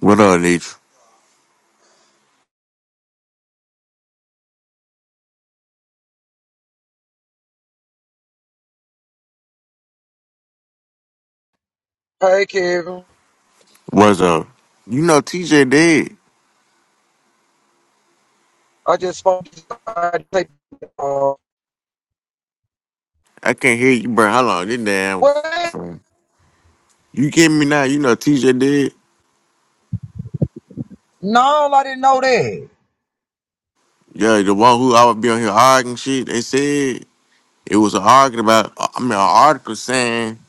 What up, Nietzsche? Hey, Kevin. What's up? You know TJ dead. I just spoke to somebody. They- Uh, I can't hear you, bro. How long? This damn what? phone. You get me now? You know TJ dead. No, I didn't know that. Yeah, the one who I would be on here arguing shit. They said it was an argument about. uh, I mean, an article saying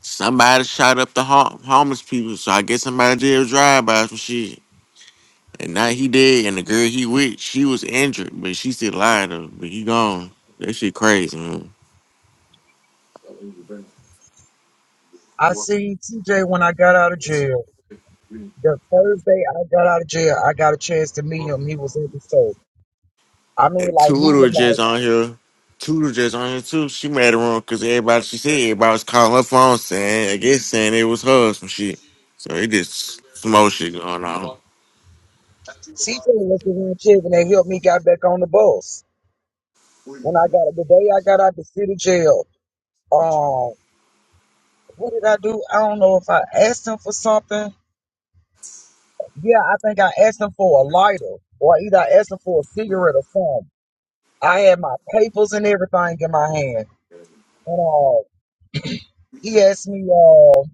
somebody shot up the hom- homeless people. So I guess somebody did a drive by or some shit. And now he dead, and the girl he with, she was injured, but she still alive though. But he gone. That shit crazy, man. I seen TJ when I got out of jail. The first day I got out of jail, I got a chance to meet him. He was in the store. I mean, And like, meet Tudor him, like, just on here. Tudor just on here too. She mad at wrong because everybody she said everybody was calling her phone saying I guess saying it was her or some shit. So it just some old shit going on. CJ was the one Kevin that helped me get back on the bus. When I got, the day I got out the city jail, um, what did I do? I don't know if I asked him for something. Yeah, I think I asked him for a lighter or either I asked him for a cigarette or something. I had my papers and everything in my hand. And uh, he asked me, uh,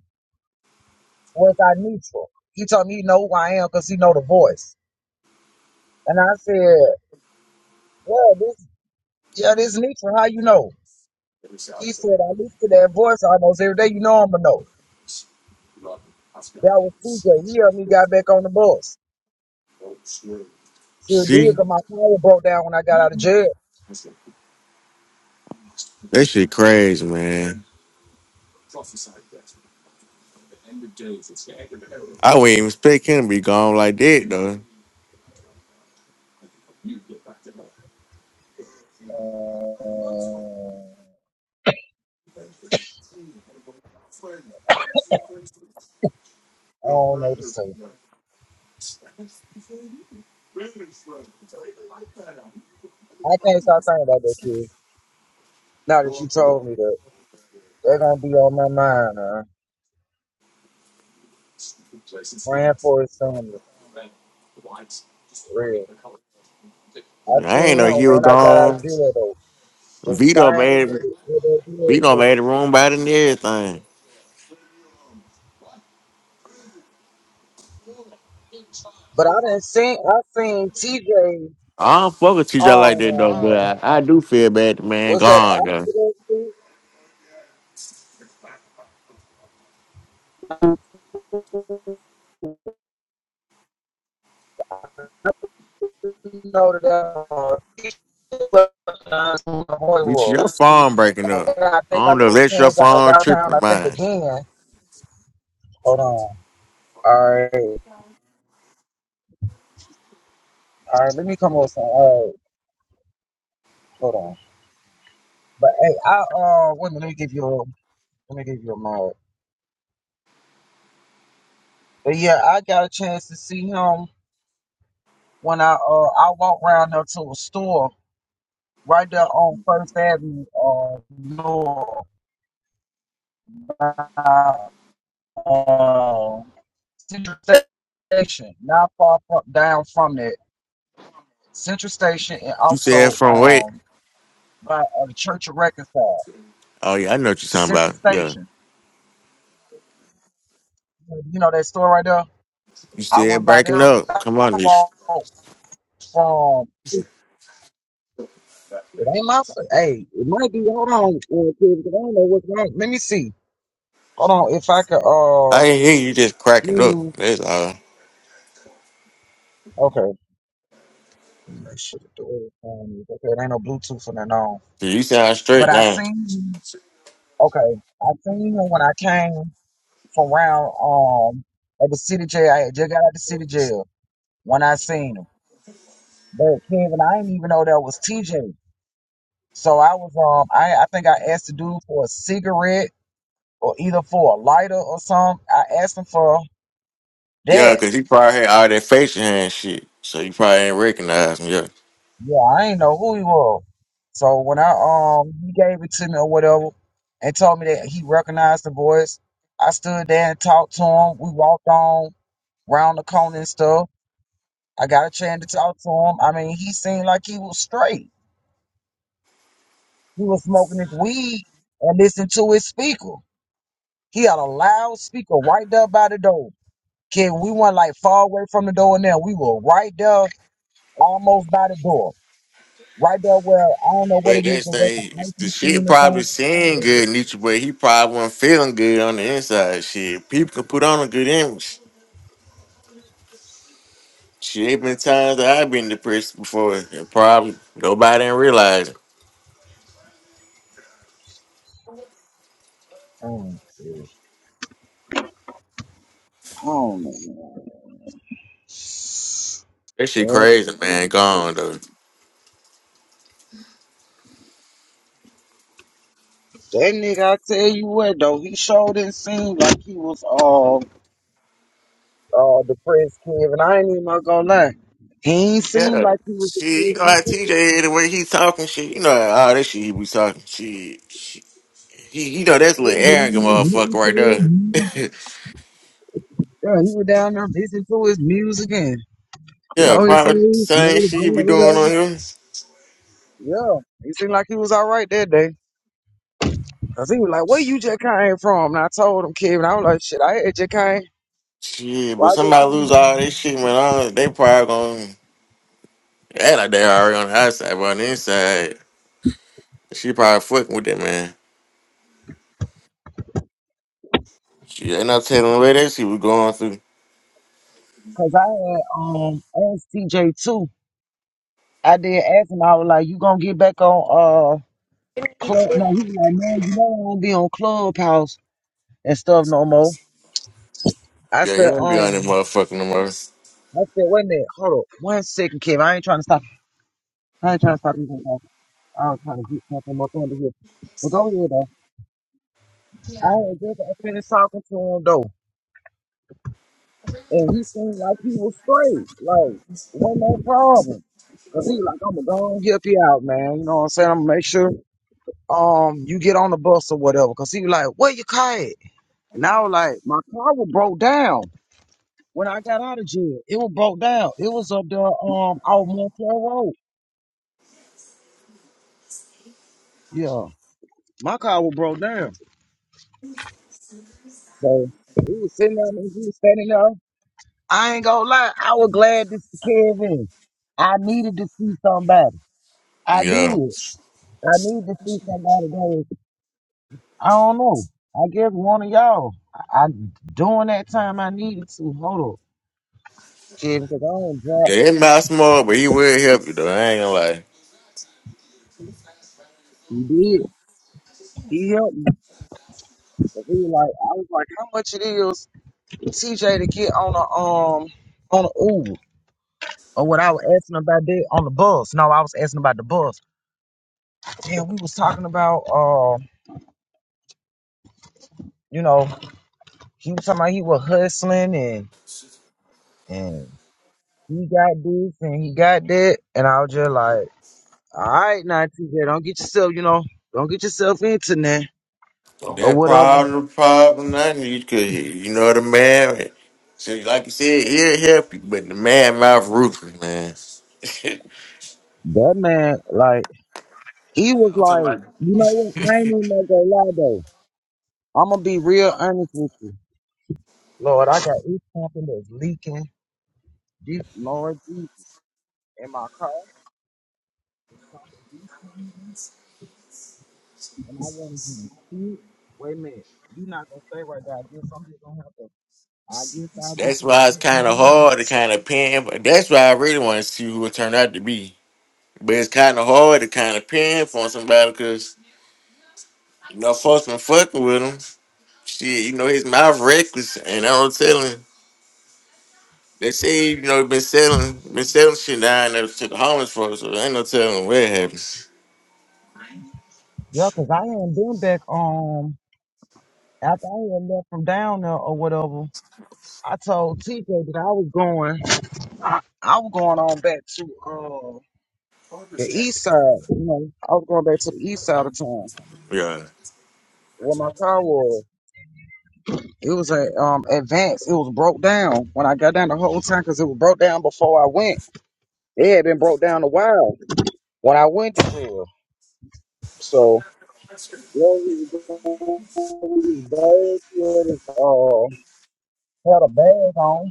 was I neutral? He told me he know who I am because he know the voice. And I said, well, this, yeah, this neutral. How you know? He said, I listen to that voice almost every day. You know I'm going to know. That was TJ. He helped me got back on the bus. Sure did See? because my car broke down when I got out of jail. That shit crazy, man. I wouldn't even expect him to be gone like that though. Uh, I don't know what to say. I can't stop thinking about that kid. Now that you told me that, they're going to be on my mind. Huh? praying for his son, for real. I I ain't seen know him he was when I got out of gone. jail though. The Vito same made day with that jail Vito thing. made the room about it and everything. But I didn't seen I seen TJ I don't fuck with TJ like that though, um but I, I do feel bad the man what's that gone though. accident? thing? No, that uh, TJ left, uh, from the Bitch, your phone breaking up. And I I think I don't know if left that's your hands out of phone downtown. tripping or I think mine. again. Hold on. All right, all right. Let me come up with some- All right, hold on. But hey, I uh, wait a minute, let me give you a let me give you a mic. But yeah, I got a chance to see him when I uh I walked round there to a store right there on First Avenue uh north uh, uh, Central Station, not far from, down from that Central Station, and You said also from where? um by uh, the Church of Reconcile Oh yeah, I know what you're talking Central about. Yeah, Station. You know that store right there. you I went said by breaking there. up. Come on, I this. walked from. It ain't my. fa- Hey, it might be. Hold on, uh, kid, 'cause I don't know what's wrong. Let me see. Hold on, if I could uh I didn't hear you just cracking up. use That's all. okay. let me Make sure the door is on. Okay, it ain't no Bluetooth and that on. 'Cause You sound But straight I now. seen okay, I seen him when I came from round um at the city jail. I had just got out the city jail when I seen him. But Kevin, I didn't even know that was TJ. So I was um I I think I asked the dude for a cigarette or either for a lighter or something. I asked him for that. Yeah, cause he probably had all that facial hair and shit, so you probably ain't recognize him. Yeah. Yeah, I ain't know who he was. So when I um he gave it to me or whatever and told me that he recognized the voice, I stood there and talked to him. We walked on round the corner and stuff. I got a chance to talk to him. I mean, he seemed like he was straight. He was smoking his weed and listening to his speaker. He had a loud speaker right there by the door. Kid, we went like far away from the door and then we were right there almost by the door. Right there where I don't know what it But is, that's is the that the thing. ice it's- The shit machine or probably something? seemed Whatever good, Nietzsche, but he probably wasn't feeling good on the inside. Shit, people can put on a good image. Shit, there been times that I've been depressed before, and probably nobody didn't realize it. it is. Um, is. I don't know. That shit man. Well, crazy, man. Gone though. that nigga, I tell you what though, he showed and seemed like he was all uh, uh, depressed, Kevin. I ain't even gonna lie. He ain't seemed Yeah. like he was Shit, you depressed. know He how TJ the way he talking shit. You know how all that shit he be talking shit. shit. He, you know seemed that's a little like he was down arrogant there motherfucker listening to right his there. music. Yeah, he was down there listening to his music and you yeah, know he seemed like probably he was same made a shit grand, you be doing on whatever. him. Yeah, he seemed like he was all right that day. Cause he was like, "Where you just came from?" And I told him, Kevin, I was like, "Shit, I had just came. Shit, but Why just somebody came lose all from?" this shit, man. I don't- They probably gonna act like they already on the outside, but on the inside, she probably fucking with that man. She ain't not telling the way that she was going through. Cause I had um asked TJ too. I did ask him. I was like, "You gonna get back on uh club?" No, he was like, "Man, you know I won't be on Clubhouse and stuff no more." I Yeah, said, he don't be on that "Um, motherfucker no more. I said, wait a minute, hold up, one second, Kevin. I ain't trying to stop. I ain't trying to stop you. Right now. I was trying to get something more under here, but go ahead though. I had just finished talking to him though. And he seemed like he was straight. Like, wasn't no problem. Cause he like, I'ma go and help you out, man. You know what I'm saying? I'ma make sure um you get on the bus or whatever. Cause he was like, Where your car at? And I was like, My car was broke down. When I got out of jail, it was broke down. It was up there um off Montclair Road. Yeah. My car was broke down. So we was sitting there and we was standing there. I ain't gonna lie, I was glad to see Kevin. I needed to see somebody. I Yeah. did. I need to see somebody that is, I don't know. I guess one of y'all. I, I during that time I needed to hold up, kid, because I don't drive. Yeah, his mouth small, but he will help you though. I ain't gonna lie. He did. He helped me. 'Cause He like I was like, how much it is TJ to get on a um on a Uber or what I was asking about that on the bus. No, I was asking about the bus. Damn, we was talking about uh, you know, he was talking about he was hustling and and he got this and he got that, and I was just like. All right, now TJ, don't get yourself, you know, don't get yourself into that or That whatever. problem, problem, nothing you could hear. You know the man. So, like you said, he'll help you, but the man mouth ruthless, man. That man, like, he was like, you know what? I ain't even gonna go lie though. I'm gonna be real honest with you, Lord. I got this something that's leaking, this Lord, deep in my car. It's something leaking, and I want you to see it. Wait a minute, you not gonna say right now. I guess I'm just gonna have to. I guess I just that's have to why it's hit my- kind of hard to kind of pin. But that's why I really want to see who it turned out to be. But it's kind of hard to kind of pin for somebody because you know folks been fucking with him. Shit, you know his mouth reckless, and I don't tell him. They say you know he been selling, been selling shit down there to the homeless folks, so ain't no telling what happened. Yeah, 'cause I hadn't been back um after I had left from down there or whatever. I told TJ that I was going, I was going on back to uh, the east side. You know, I was going back to the east side of town Yeah. where my car was. It was a um advance. It was broke down when I got down the whole time because it was broke down before I went. It had been broke down a while when I went to jail. So yeah, he was down, he was bad. He had his, uh, had a bag on.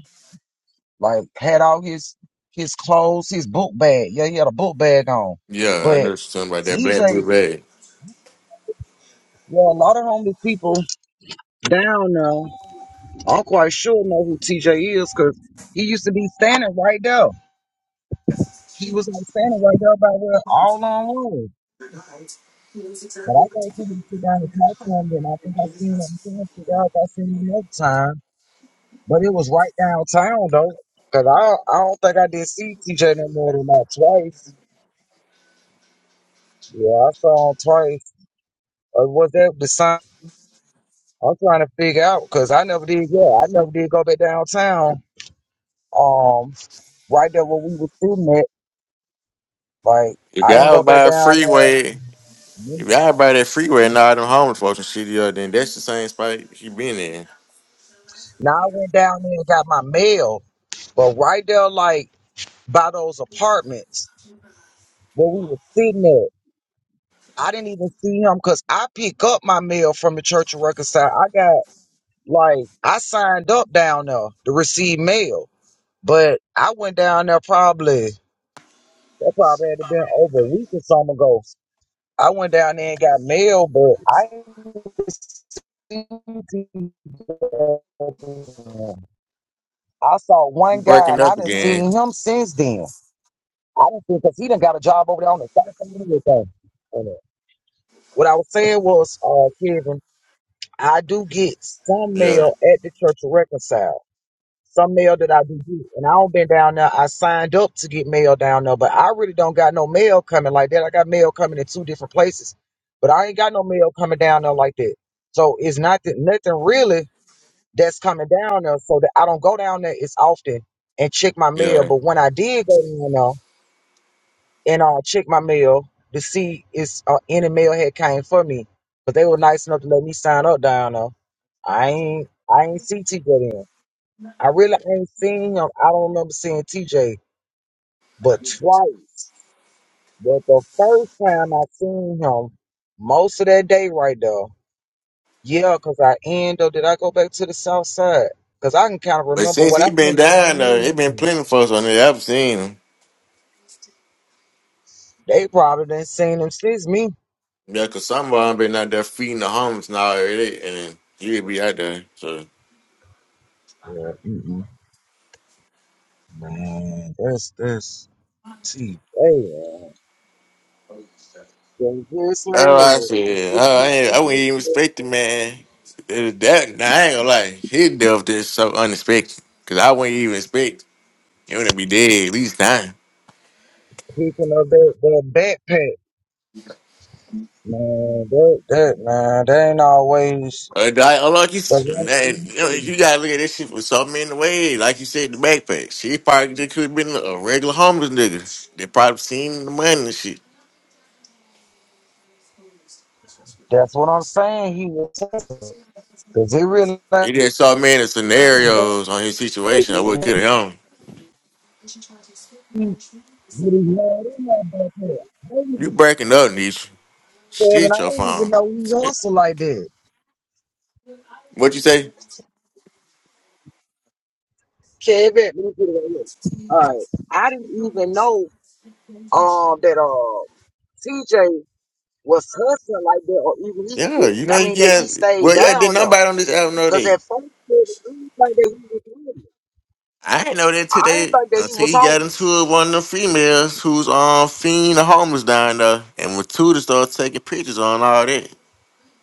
like had all his his clothes, his book bag. Yeah, he had a book bag on. Yeah, I But know something about that TJ, black book yeah, a lot of homeless people down now. I'm quite sure know who TJ is because he used to be standing right there. He was like standing right there by where all on was. But I got him to sit down and talk to him, and I think I seen him. I think I figured out if I seen him another time. But it was right downtown though, cause I I don't think I did see TJ no more than about twice. Yeah, I saw him twice. Or was that the sign? I'm trying to figure out because I never did. Yeah, I never did go back downtown. Um, right there where we was sitting at, like If I didn't y'all go by back a down there. freeway, if y'all by that freeway and all them homeless folks and shit, yeah, then that's the same spot he been in. Now I went down there and got my mail, but right there, like by those apartments where we was sitting at, I didn't even see him because I pick up my mail from the Church of Reconcile. I got like I signed up down there to receive mail, but I went down there probably That probably had been over a week or something ago. I went down there and got mail, but I received it. I saw You one guy breaking and I up didn't see again. him since then. I don't think because he done got a job over there on the south side and everything. And, uh, What I was saying was, uh, Kevin, I do get some Yeah, mail at the Church of Reconcile. some mail that I do get. And I don't been down there. I signed up to get mail down there, but I really don't got no mail coming like that. I got mail coming in two different places, but I ain't got no mail coming down there like that. So it's not that nothing really that's coming down there. So that I don't go down there as often and check my mail. yeah. But when I did go down there and uh, check my mail to see if uh, any mail had came for me, but they were nice enough to let me sign up down there. I ain't I ain't see TJ then. I really ain't seen him. I don't remember seeing TJ, but twice. But the first time I seen him, most of that day right there. Yeah, because I end up, did I go back to the south side? Because I can kind of But remember since what I he been down there, it been remember. plenty of folks on there. I've seen him. They probably didn't seen him since me. Yeah, cause some of them been out there feeding the homeless and all that, and then he be out there. So, Yeah, mm-mm. man, that's, that's TJ. man. Been oh, whistling I and said, oh, I, ain't, I wouldn't even expect it, man. It was That, nah, I ain't gonna lie, his death is so unexpected. Cause I wouldn't even expect. You're gonna be dead at least nine. picking up that, that backpack. Man, that, that man, they ain't always Or die unlucky. the s- right man, thing You to know, do. you gotta look at this shit from so many ways. Like you said, the backpack. She probably just could have been a regular homeless nigga. They probably seen the money and shit. That's what I'm saying. He was because he really They like just saw many Get scenarios on his situation of what could have happened. his head in that back there. I ain't You even breaking up, Nisha. Kevin, Shit, I your didn't even phone. know he hustled like that. What you say? Kevin, let me get it right here. All right, I didn't even know um that uh TJ was hustling like that, or even Yeah, he. you know I you mean that he got. stayed Well, yeah, did down though, nobody on this album know because that? at first it was like that he was with I didn't know that I didn't today think that he until was he got into homeless. it with one of the females who's on um, fiend the homeless down there. And when Tudor started taking pictures on all that,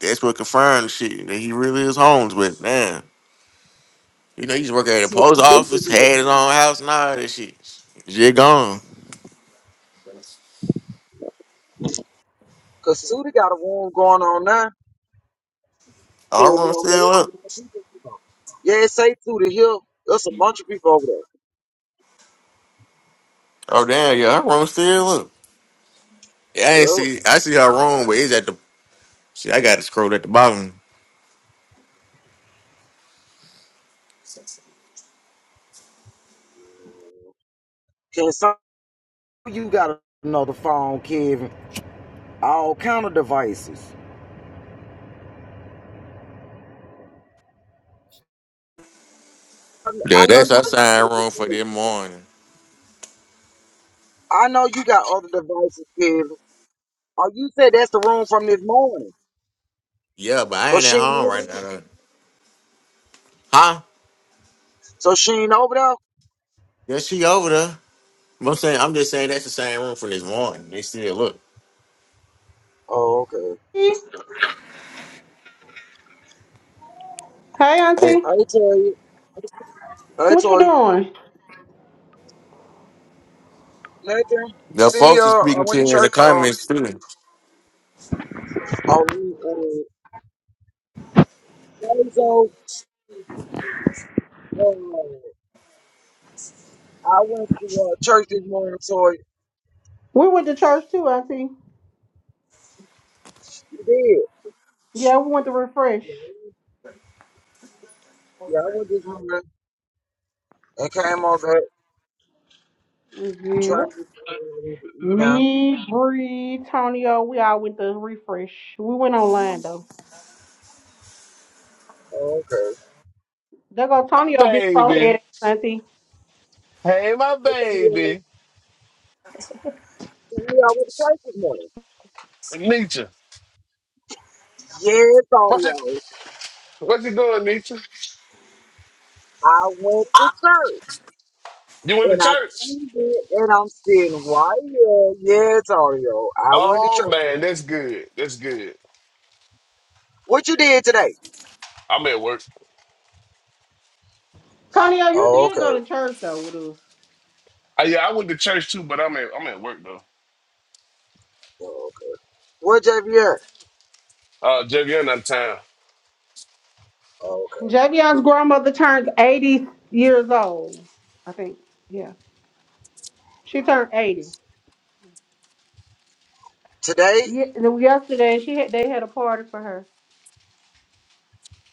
that's what confirmed the shit that he really is homeless. But damn, you know, he used to work at the Because post office, had his own house, and all that shit. Shit gone. Suda got a room going on now. Yeah, Our you room know, there's a still up. lot of people over there. Yeah, it say through the hill. There's a bunch of people over there. Oh damn, yeah, our room still up. Yeah, I ain't Yo, see. I see our room, but it's at the. See, I got to scroll at the bottom. Can some you got another phone, Kevin? All kind of devices. Yeah, I know that's you our got other sign room for devices. this morning. I know you got other devices, Kevin. Oh, you said that's the room from this morning. Yeah, but I So ain't she at ain't home over right now. there? Though. Huh? So she ain't over there? Yeah, she over there. But I'm saying, I'm just saying that's the same room from this morning. They still look. Oh, okay. Hey, Hey, Auntie. Hey, Tori. Hey, What you Tori. doing? Nothing. the Senior, folks are I speaking to went to you in the church on comments too. on uh, Thursday. Uh, I went to uh, church this morning, so you We went to church too, Auntie. did. Yeah, we went to refresh. Yeah, I went this morning and came over back trying Yep. to uh, eat now. Me, Bree, Tonyo, we all went to refresh. We went online though. Oh, okay. There go my Tonyo, big baby. forehead, Auntie. Hey, my Some of y'all baby. some of y'all went to church this morning. Nietzsche. Yes, all of What you, y'all. what you doing, Nietzsche? I went to church You went and to I church? came it and I'm sitting right here. Yes, all of y'all. I went to Oh church. this man, morning. that's good. That's good. What you did today? I'm at work. Tonyo, you Oh, did okay. go to church though with us. Uh, yeah, I went to church too, but I'm at I'm at work though. Oh, okay. Where JV Uh Jeff, you're not of town. Oh, okay. Javion's grandmother turned 80 years old, I think. Yeah. She turned 80. Today? Yeah, yesterday she had, they had a party for her.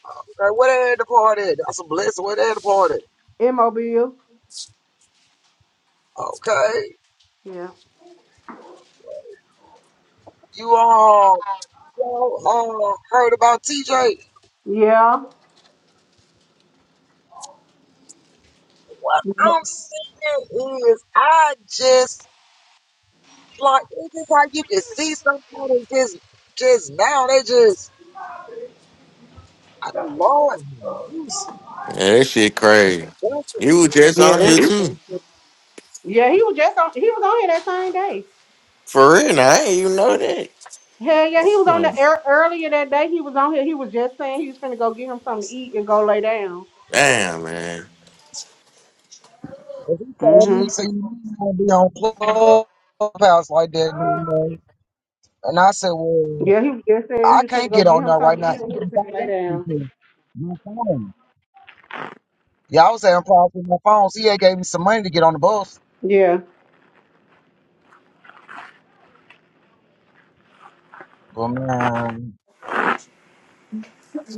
Okay, where they at the party? at? That's a blessing. Where they at the party? at? In Mobile. Okay. Yeah. You all, y'all uh, heard about TJ? Yeah. What I'm saying is, I just like it's just like you can see somebody just just now. They just I- Lord mercy. Yeah, that shit crazy. That's what You was it is. just Yeah, on here that's too. yeah. He was just on. He was on here that same day. For real, now, I ain't even know that. Hell yeah, he was on Hmm. the air earlier that day. He was on here. He was just saying he was finna go get him something to eat and go lay down. Damn, man. 'Cause he told me, Mhm. so you don't want to be on clubhouse like that anymore. And I said, well. Yeah, he was just saying he I was finna can't go get get on him there right something to now. eat even and he was if I finna lay want to, down. 'cause My phone. Yeah, I was having problems with my phone. CA gave me some money to get on the bus. Yeah. But man,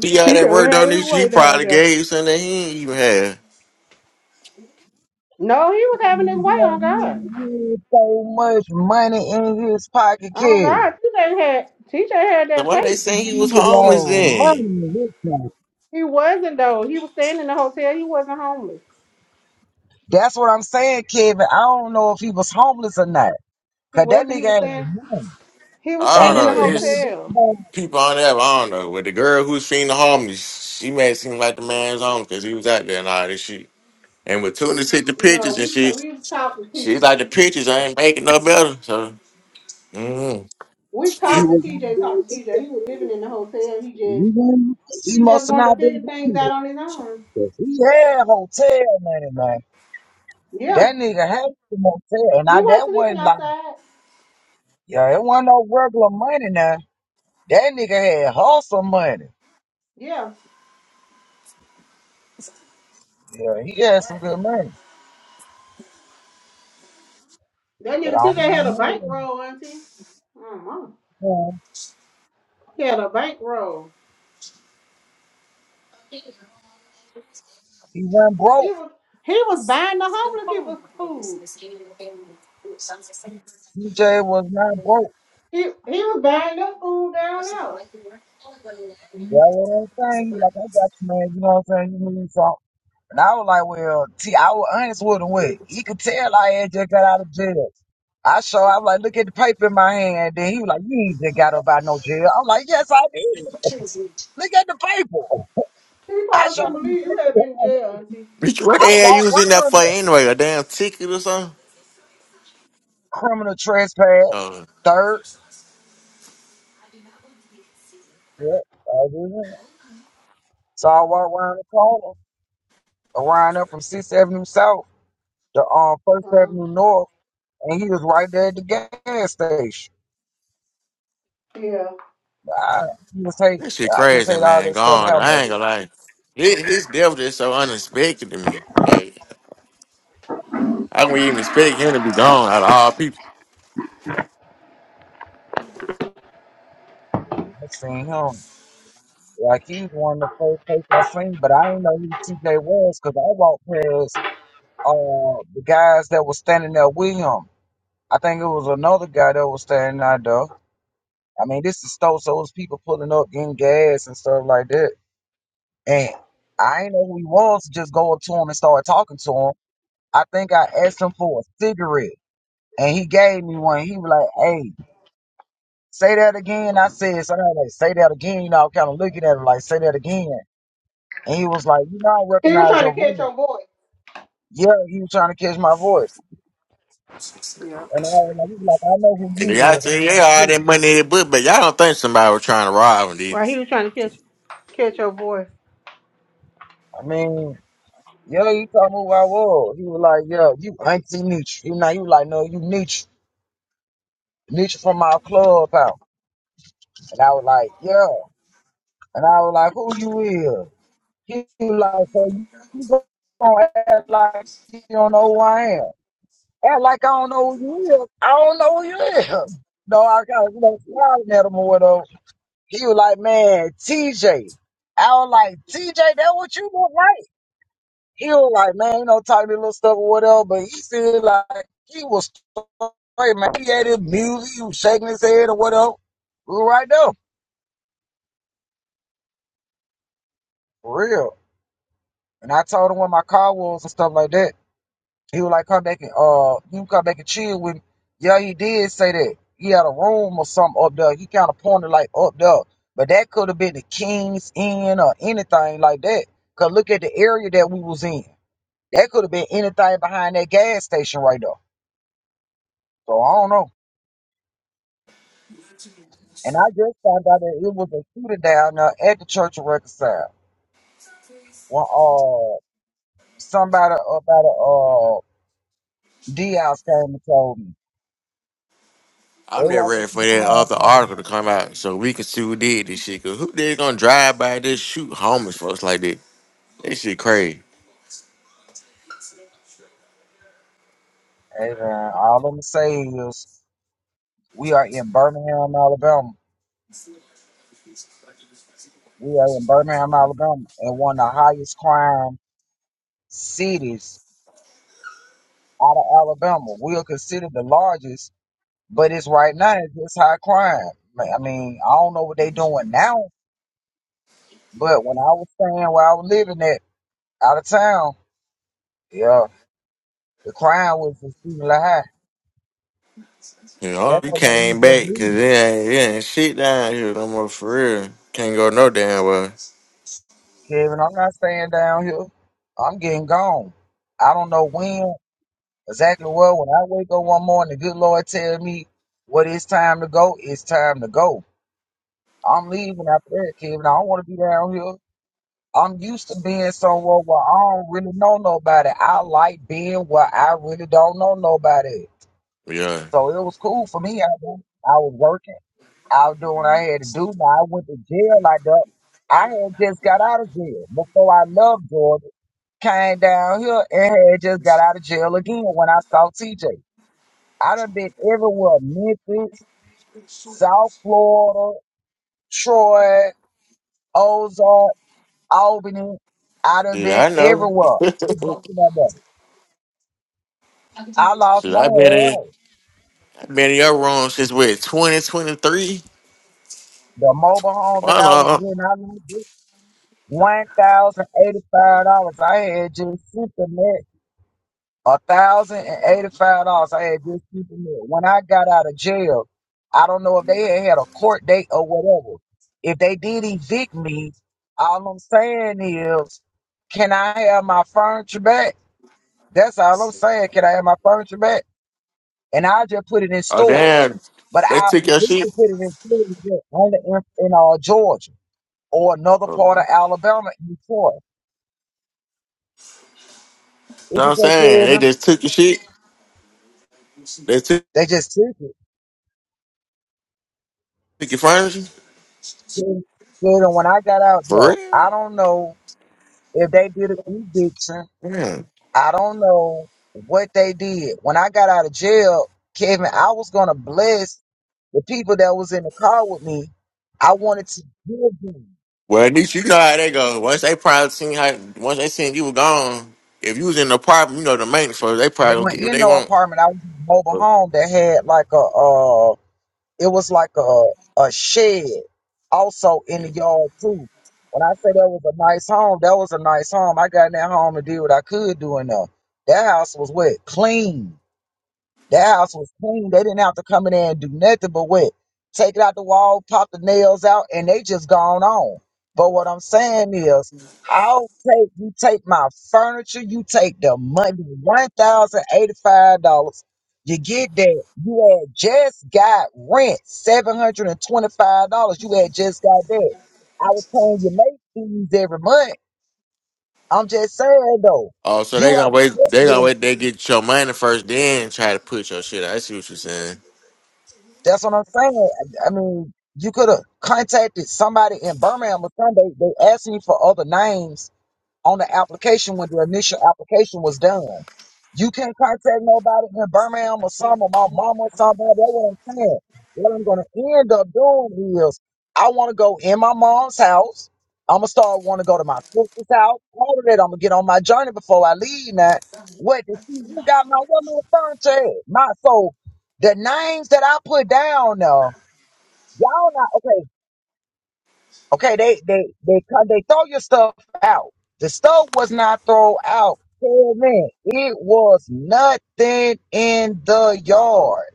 See how He that don't worked have on his this? He way down probably there. gave you something that he ain't even had. No, he was having his way on God. so much money in his pocket, On kid. God, TJ had TJ had So that why they paint. saying he was Nigga homeless Money then? in his pocket. He wasn't though. He was staying in the hotel. He wasn't homeless. That's what I'm saying, Kevin. I don't know if he was homeless or not. He Cause that wasn't. He nigga was had staying. money. He was I And staying don't in he the know. was one of There's them hotel. boys. people on there. I don't know. But the girl who's seen the homeless, she made it seem like the man's homeless because he was out there and all this shit. And when Tunis hit the No, pictures and we ta- shit, we talked to T. She's like the pictures ain't making no better. So, mm. We He shit. talked to was out TJ, there talked with to TJ. the He was living money. in the hotel. He He just wasn't- he he just must have wanted to not been figure things homeless. out on his own. 'Cause He had hotel money, man. Yeah. That nigga had some hotel. He Now wasn't that sleeping wasn't like outside. yeah, it wasn't no regular money now. That nigga had hustle money. Yeah. Yeah, he had some good money. That But nigga I TJ don't had a know. bankroll, auntie. Mm-hmm. man. He had a bankroll. He went He broke. was he was buying the homeless people food. CJ was not broke. He he was buying them food down there. That's what I'm saying? He Like, I got you, man. You know what I'm saying? You need something. And I was like, well, T, I was honest with him. With. He could tell I had just got out of jail. I show. I'm like, look at the paper in my hand. Then he was like, you ain't just got up out no jail. I'm like, yes, I did. Look at the paper. He I probably show couldn't him the believe you had paper. been in jail, auntie. Bitch, What I the hell you walk was in that around for it. anyway? A damn ticket or something? criminal trespass. Uh, Third. Yep. I did it. So I walk around the corner, around up from Sixth Avenue South to um, First Um, Avenue North, and he was right there at the gas station. yeah. I just that hate. shit I just crazy, hate all man. this stuff Gone. happening. I ain't gonna lie. His, his death is so unexpected to me. Like, I wouldn't even expect him to be gone out of all people. I seen him. Like he's one of the first person I seen, but I didn't know who TJ was because I walked past uh the guys that was standing there with him. I think it was another guy that was standing out there. I mean, this is Stowe, so it was people pulling up, getting gas and stuff like that. And I didn't know who he was, just going to him and start talking to him. I think I asked him for a cigarette, and he gave me one. He was like, "Hey, say that again." I said, something like, say that again." You know, I'm kind of looking at him like, "Say that again." And he was like, You know, I He was recognize your trying to voice. catch your boy. Yeah, he was trying to catch my voice. Yeah. And I was like, he was like, I know who And you y'all is. And I say, was yeah, like, all "Who?" that money in the book, but y'all don't think somebody was trying to rob him, did Right, it? he was trying to catch catch your boy. I mean, yeah, he told me who I was. He was like, yeah, you Auntie Nietzsche. He, now, he was like, no, you Nietzsche. Nietzsche from our club out. And I was like, yeah. And I was like, who you is? He was like, so you gonna act like you don't know who I am. Act like I don't know who you is. I don't know who you is. No, I got, you know, smiling at him or whatever. He was like, man, TJ. I was like, TJ, that what you look like? He was like, man, you know, talking this little stuff or whatever, but he still like, he was straight, man. He had his music, he was shaking his head or whatever. We were right there, for real. And I told him where my car was and stuff like that. He was like, come back and uh, you come back and chill with me. Yeah, he did say that. He had a room or something up there. He kind of pointed like up there, but that could have been the King's Inn or anything like that. Cause look at the area that we was in. That could have been anything behind that gas station right there. So I don't know. And I just found out that it was a shooter down there at the Church of Reconcile. When uh somebody about a uh Diaz came and told me. They I'm there walked up ready to for the that car and other told me, article to come out so we can see who did this shit. Cause who they gonna drive by this shoot homeless folks like that? That shit crazy. Hey man, all I'm gonna say is We are in Birmingham, Alabama. We are in Birmingham, Alabama, and one of the highest crime cities out of Alabama. We are considered the largest, but it's right now it's just high crime. I mean, I don't know what they doing now, but when I was staying where I was living at out of town, yeah, the crime was exceedingly high. You know, That's you what made me came just back leave. because it ain't, it ain't shit down here no more for real. Can't go no damn well. Kevin, I'm not staying down here. I'm getting gone. I don't know when. exactly well when I wake up one morning, the good Lord tell me what it's time to go, it's time to go. I'm leaving after that, Kevin. I don't want to be down here. I'm used to being somewhere where I don't really know nobody. I like being where I really don't know nobody. Yeah. So it was cool for me. I was, I was working. I was doing what I had to do. Now I went to jail like that. I had just got out of jail before I left Georgia. Came down here and had just got out of jail again when I saw TJ. I done been everywhere. Memphis, South Florida, Troy, Ozark, Albany. I done Yeah, been I know. everywhere. I lost Shit, my i been in hair. i been in your room since what, 2023? The mobile home that Why I was not? in, I lost it. $1,085. I had just sent the net. a thousand and eighty-five dollars. I had just keeping it. When I got out of jail, I don't know if they had had a court date or whatever. If they did evict me, all I'm saying is, can I have my furniture back? That's all I'm saying. Can I have my furniture back? And I just put it in Oh, storage. damn. But They I took was your going shit. to put it in storage but only in, in uh, Georgia or another Oh, part You of know Alabama in Detroit. What what you I'm say, saying? They Kevin? just took your shit. They took, They just took it. took your furniture. Jada, when I got out For though, real? I don't know if they did an eviction. Yeah. I don't know what they did. When I got out of jail, Kevin, I was gonna bless the people that was in the car with me. I wanted to give them. Well, at least you know how they go. Once they probably seen how, once they seen you were gone, if you was in the apartment, you know the maintenance folks, they I probably gonna went get what in they no want. apartment. I was in a mobile home that had like a uh, It was like a a shed also in the yard too. When I say that was a nice home, that was a nice home. I got in that home and did what I could do in there. That house was wet, clean. That house was clean. They didn't have to come in there and do nothing but what? Take it out the wall, pop the nails out, and they just gone on. But what I'm saying is, I'll take you take my furniture, you take the money, one thousand eighty-five dollars. You get that. You had just got rent, seven hundred and twenty-five dollars. You had just got that. I was paying your late fees every month. I'm just saying though, Oh, so they you gonna have wait. They gonna a wait. They get your money first, then try to put your shit out. I see what you're saying. That's what I'm saying. I I mean, you could have contacted somebody in Birmingham or something. They, they asking you for other names on the application when the initial application was done. You can't contact nobody in Birmingham or something, or my mama or somebody. That's what I'm saying. What I'm gonna end up doing is I wanna go in my mom's house. I'ma start wanna go to my sister's house. All of that I'm gonna get on my journey before I leave now. What the see you got my woman furniture at? My so the names that I put down now, y'all not okay. Okay, they they they cut- they throw your stuff out. The stove was not thrown out. Oh, man, it was nothing in the yard.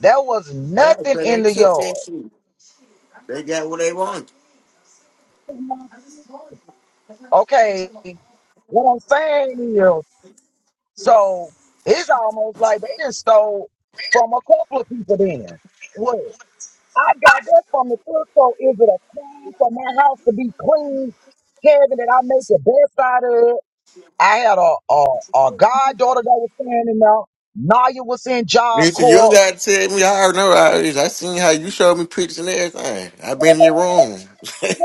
There was Yeah, nothing so they in the took yard. that shit. They got what they wanted. Okay, what I'm saying is, so it's almost like they done stole from a couple of people. Then what? I got that from the thrift store. Is it a crime for my house to be clean, Kevin? That I make the best out of? I had a, a, a goddaughter that was standing out. Naya was in Job Nisa, you don't Corps. gotta tell me. I already know how it is. I seen how you showed me pictures and everything. I been in your room.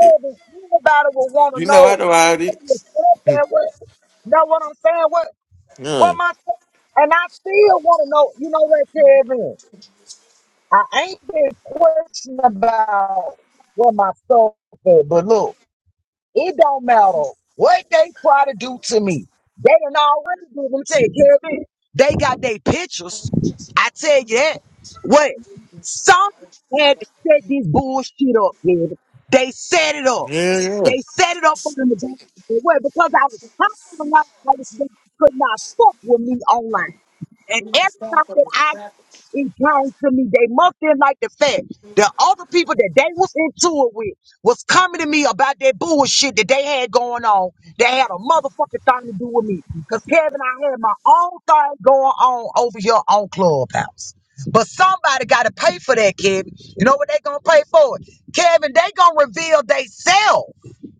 would want to you know I know know how it what you is. felt that way. Know what I'm saying? What what Yeah, my and I still want to know. You know what, Kevin? I ain't been questioned about what my soul said, but look. It don't matter what they try to do to me. They done already do them take care of me. They got their pictures. I tell you that. What? Somebody had to set this bullshit up, baby. They set it up. yeah, yeah. They set it up for them to do it. away because I was talking to them. I was- They could not fuck with me online. And every time that I it came to me, they must have like the fact that all the people that they was into it with was coming to me about that bullshit that they had going on. They had a motherfucking thing to do with me. Cause Kevin, I had my own thing going on over here on Clubhouse. But somebody gotta pay for that, Kevin. You know what they gonna pay for it? Kevin, they gonna reveal they self.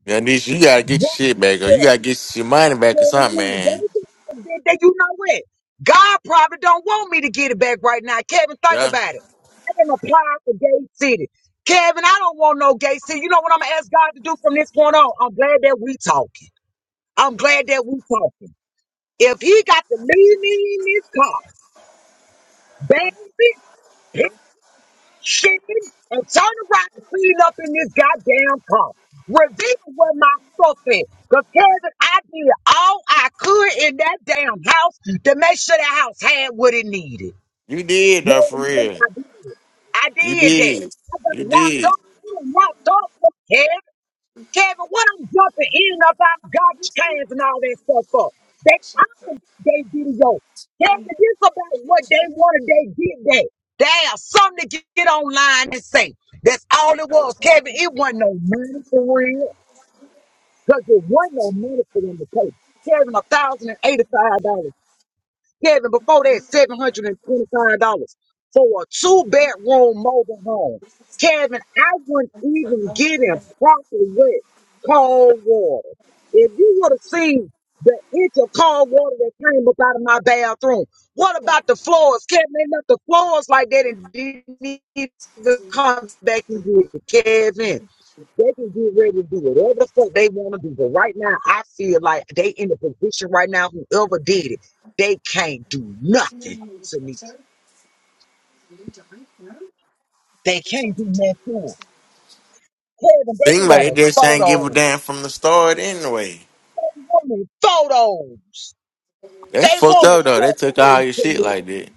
Yeah, Nisa, you gotta get your shit back, or you gotta get your money back or something, man. That you know what? God probably don't want me to get it back right now. Kevin, think Yeah, about it. I didn't apply for Gay City. Kevin, I don't want no Gay City. You know what I'm gonna ask God to do from this point on? I'm glad that we talking. I'm glad that we talking. If he got to leave me in this car, baby, shit and turn around and clean up in this goddamn car. Reveal where my stuff is. Because Kevin, I did all I could in that damn house to make sure the house had what it needed. you did No, though, for no, real. I did. I You did that. did. I got You locked did. up. I got locked up. Kevin, what I'm jumping in and up out of garbage cans and all that stuff for? They I don't got they video. Kevin, this about what they wanted, they did that. They have something to get online and say. That's all it was, Kevin. It wasn't no money for real, because it wasn't no money for them to pay. Kevin, $1,085. Kevin, before that, $725 for a two bedroom mobile home. Kevin, I wouldn't even get him proper wet cold water. If you would have seen the inch of cold water that came up out of my bathroom, what about the floors? Kevin, they left the floors like that and didn't even come back and get it. Kevin. They can get ready to do whatever the fuck they want to do. But right now, I feel like they in the position right now, whoever did it, they can't do nothing to me. They can't do nothing to us. Kevin, they Seems like they wanted just ain't give a photos. damn from the start anyway. They wanted photos. That's They fucked wanted up though. They took all photos. your shit Kevin. like that.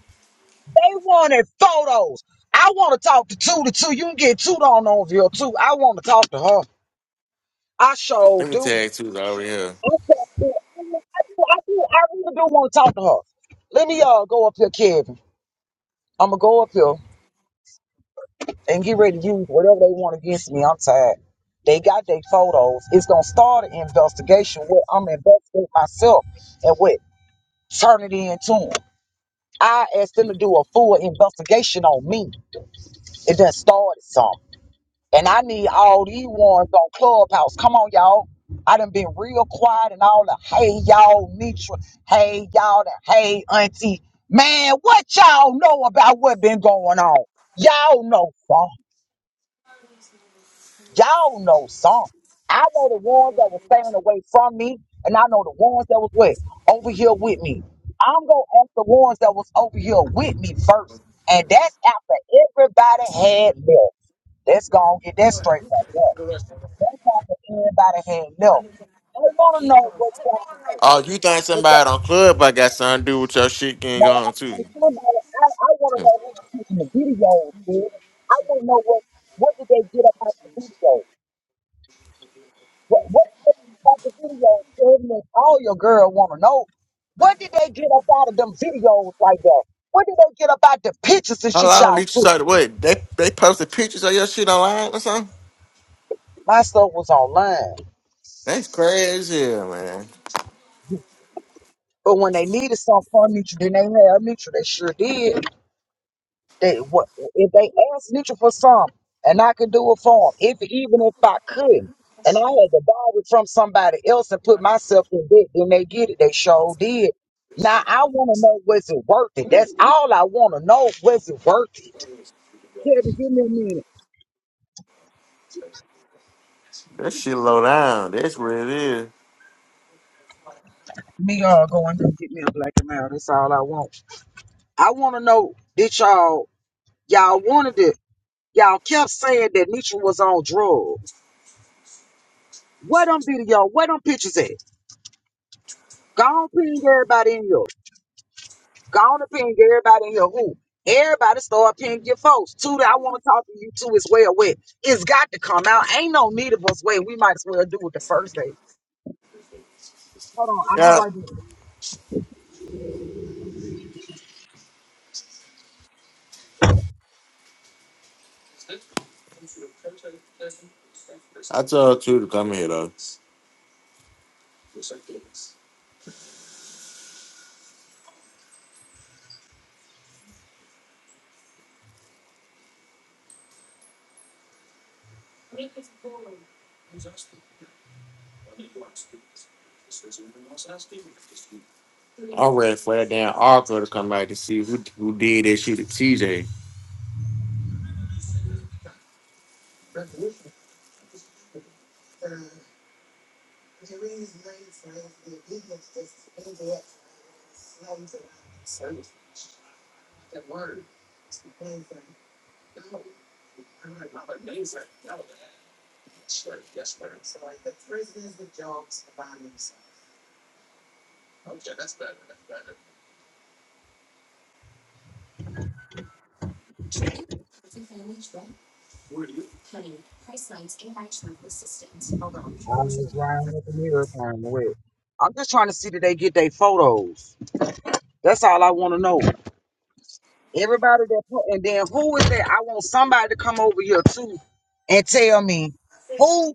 They wanted photos. I want to talk to two to two. You can get two on over here too. I want to talk to her. I sure Let me do. tag two over here. I sure do. I do. I do. I really do want to talk to her. Let me uh go up here, Kevin. I'm gonna go up here and get ready to use whatever they want against me. I'm tired. They got their photos. It's gonna start an investigation. What I'm investigating myself and what turn it into them. I asked them to do a full investigation on me. It done started something, and I need all these ones on Clubhouse. Come on, y'all. I done been real quiet and all the hey y'all Nitra, hey y'all the hey auntie. Man, what y'all know about what been going on? Y'all know something. Y'all know some. I know the ones that were staying away from me, and I know the ones that was what over here with me. I'm gonna ask the ones that was over here with me first, and that's after everybody had left. Let's go and get that straight right there. That's after everybody had left. I want to know what's going on Oh, you think because somebody on club I got something to do with your shit my getting on wife too? told somebody I, I want to Hmm. know who was taking the videos. Kid. I want to know what what did they get up out the video. What, what about the videos? goodness, All your girl want to know. What did they get up out of them videos like that? What did they get up out the pictures and How shit long did y'all you took? start? What they they posted pictures of your shit online or something? My stuff was online. That's crazy, man. But when they needed something from Mutual, then they had Mutual. They sure did. They, what, if they ask Nietzsche for some, and I could do it for them, if even if I couldn't, and I had to borrow it from somebody else and put myself in debt, then they get it. They sure did. Now I want to know was it worth it? That's all I want to know. Was it worth it? Kevin, give me a minute. That shit low down. That's where it is. Me y'all go and get me a black and mild. That's all I want. I want to know that y'all y'all wanted it. Y'all kept saying that Nietzsche was on drugs. Where them video? Where them pictures at? Go on, ping everybody in here. Go on and ping everybody in here. Who? Everybody start pinging your folks. Two that I want to talk to you too as well with. It's got to come out. Ain't no need of us waiting. We might as well do it the first day. Hold on, I'll be Yeah, right back. I told two to come here though. I am ready for that damn article to come back to see who who did that shit to TJ. I was drying up in here time away. I'm just trying to see that they get their photos. That's all I want to know. Everybody that put, and then who is that? I want somebody to come over here too and tell me who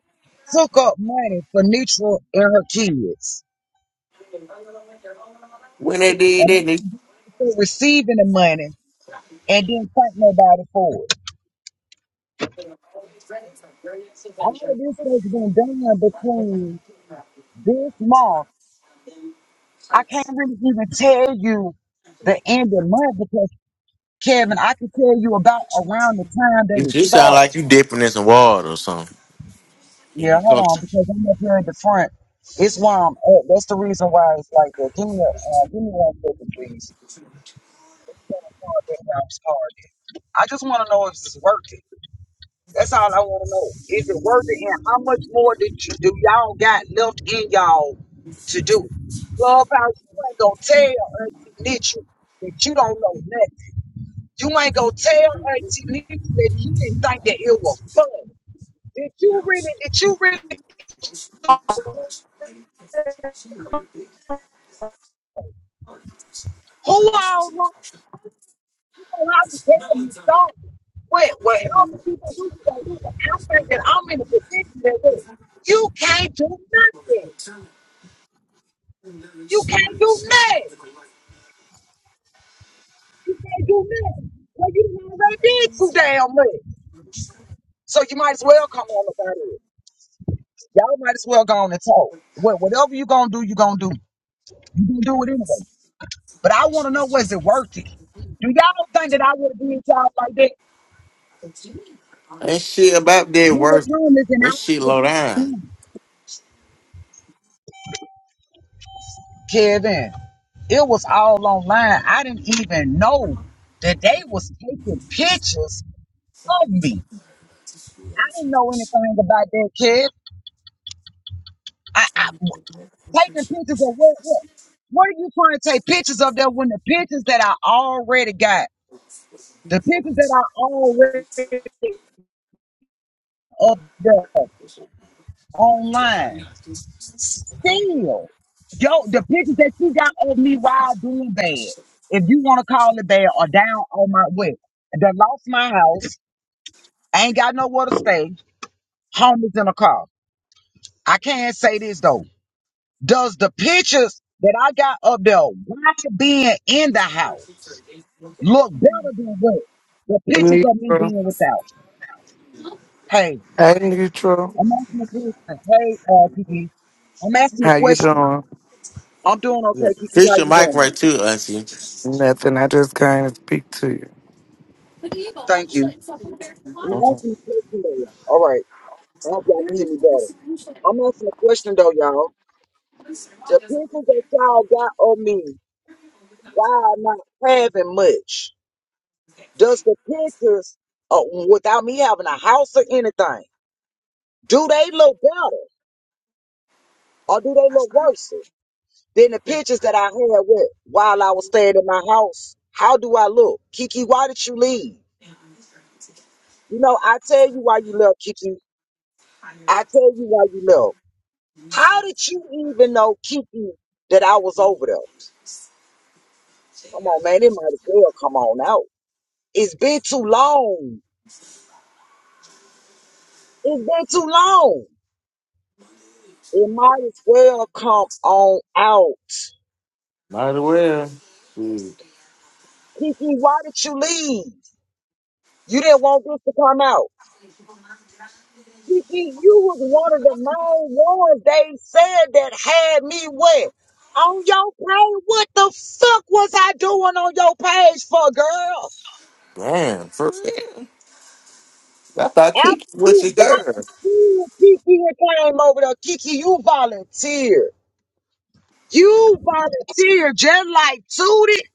took up money for Neutral and her kids. When they And did that, who receiving the money and didn't thank nobody for it. All of this has been done between this month. I can't really even tell you the end of month because Kevin, I can tell you about around the time that You, it you sound started. like you dipping in some water or something. If Yeah, you hold cook on, because I'm up here at the front. It's why I'm at. That's the reason why it's like that. Give me a, uh, give me one second, please. I just want to know if it's working. That's all I want to know. Is it worth it? And how much more did you, do y'all got left in y'all to do? Clubhouse, you ain't gonna tell Auntie Nietzsche that you don't know nothing. You ain't gonna tell Auntie Nietzsche that you didn't think that it was fun. Did you really? Did you really? Who all know you don't have to tell me something? What? What? How people do you gonna do? that. I'm thinking I'm in a position that you can't do nothing. You can't do nothing. You can't do nothing. Well, you already did too damn much. So you might as well come on about it. Y'all might as well go on and talk. What whatever you gonna do, you gonna do. You gonna do it anyway. But I wanna know was it worth it? Do y'all think that I would have did y'all like that? that shit about dead You were worse. homeless and I That shit would low have down. done. Kevin, it was all online. I didn't even know that they was taking pictures of me. I didn't know anything about that, Kev. I, I Taking pictures of what, what? What are you trying to take pictures of that when the pictures that I already got, the pictures that I already up there online, still, yo, the pictures that you got of me while doing bad, if you want to call it bad or down on my way, that lost my house, ain't got nowhere to stay, homeless in a car. I can't say this though. Does the pictures that I got up there, why being in the house? look better than what the Hey, pictures of me Neutral. being without. Hey, Hey, Neutral. I'm asking a question. Hey, uh, Kiki, I'm asking a How you question. doing? I'm doing Yeah. okay, Kiki. Fix How your you mic doing? right too, auntie. Nothing. I just came to speak to you. Thank you. I'm Mhm. asking a question though. All right, I hope y'all can hear me better. I'm asking a question though, y'all. The pictures that y'all got of me, y'all not having much. Does the pictures, uh, without me having a house or anything, do they look better or do they look worse? Then the pictures that I had with while I was staying in my house. How do I look? Kiki, why did you leave? You know, I tell you why you left, Kiki. I tell you why you left. How did you even know, Kiki, that I was over there? Come on, man. It might as well come on out. It's been too long. It's been too long. It might as well come on out. Might as well. Shit. Kiki, why did you leave? You didn't want this to come out. Kiki, you was one of the main ones they said that had me wet. On your page, what the fuck was I doing on your page for, girl? Damn, for real. I thought Kiki After was you your girl. volunteered, Kiki and came over there. Kiki, you volunteered. You volunteered just like Tootie,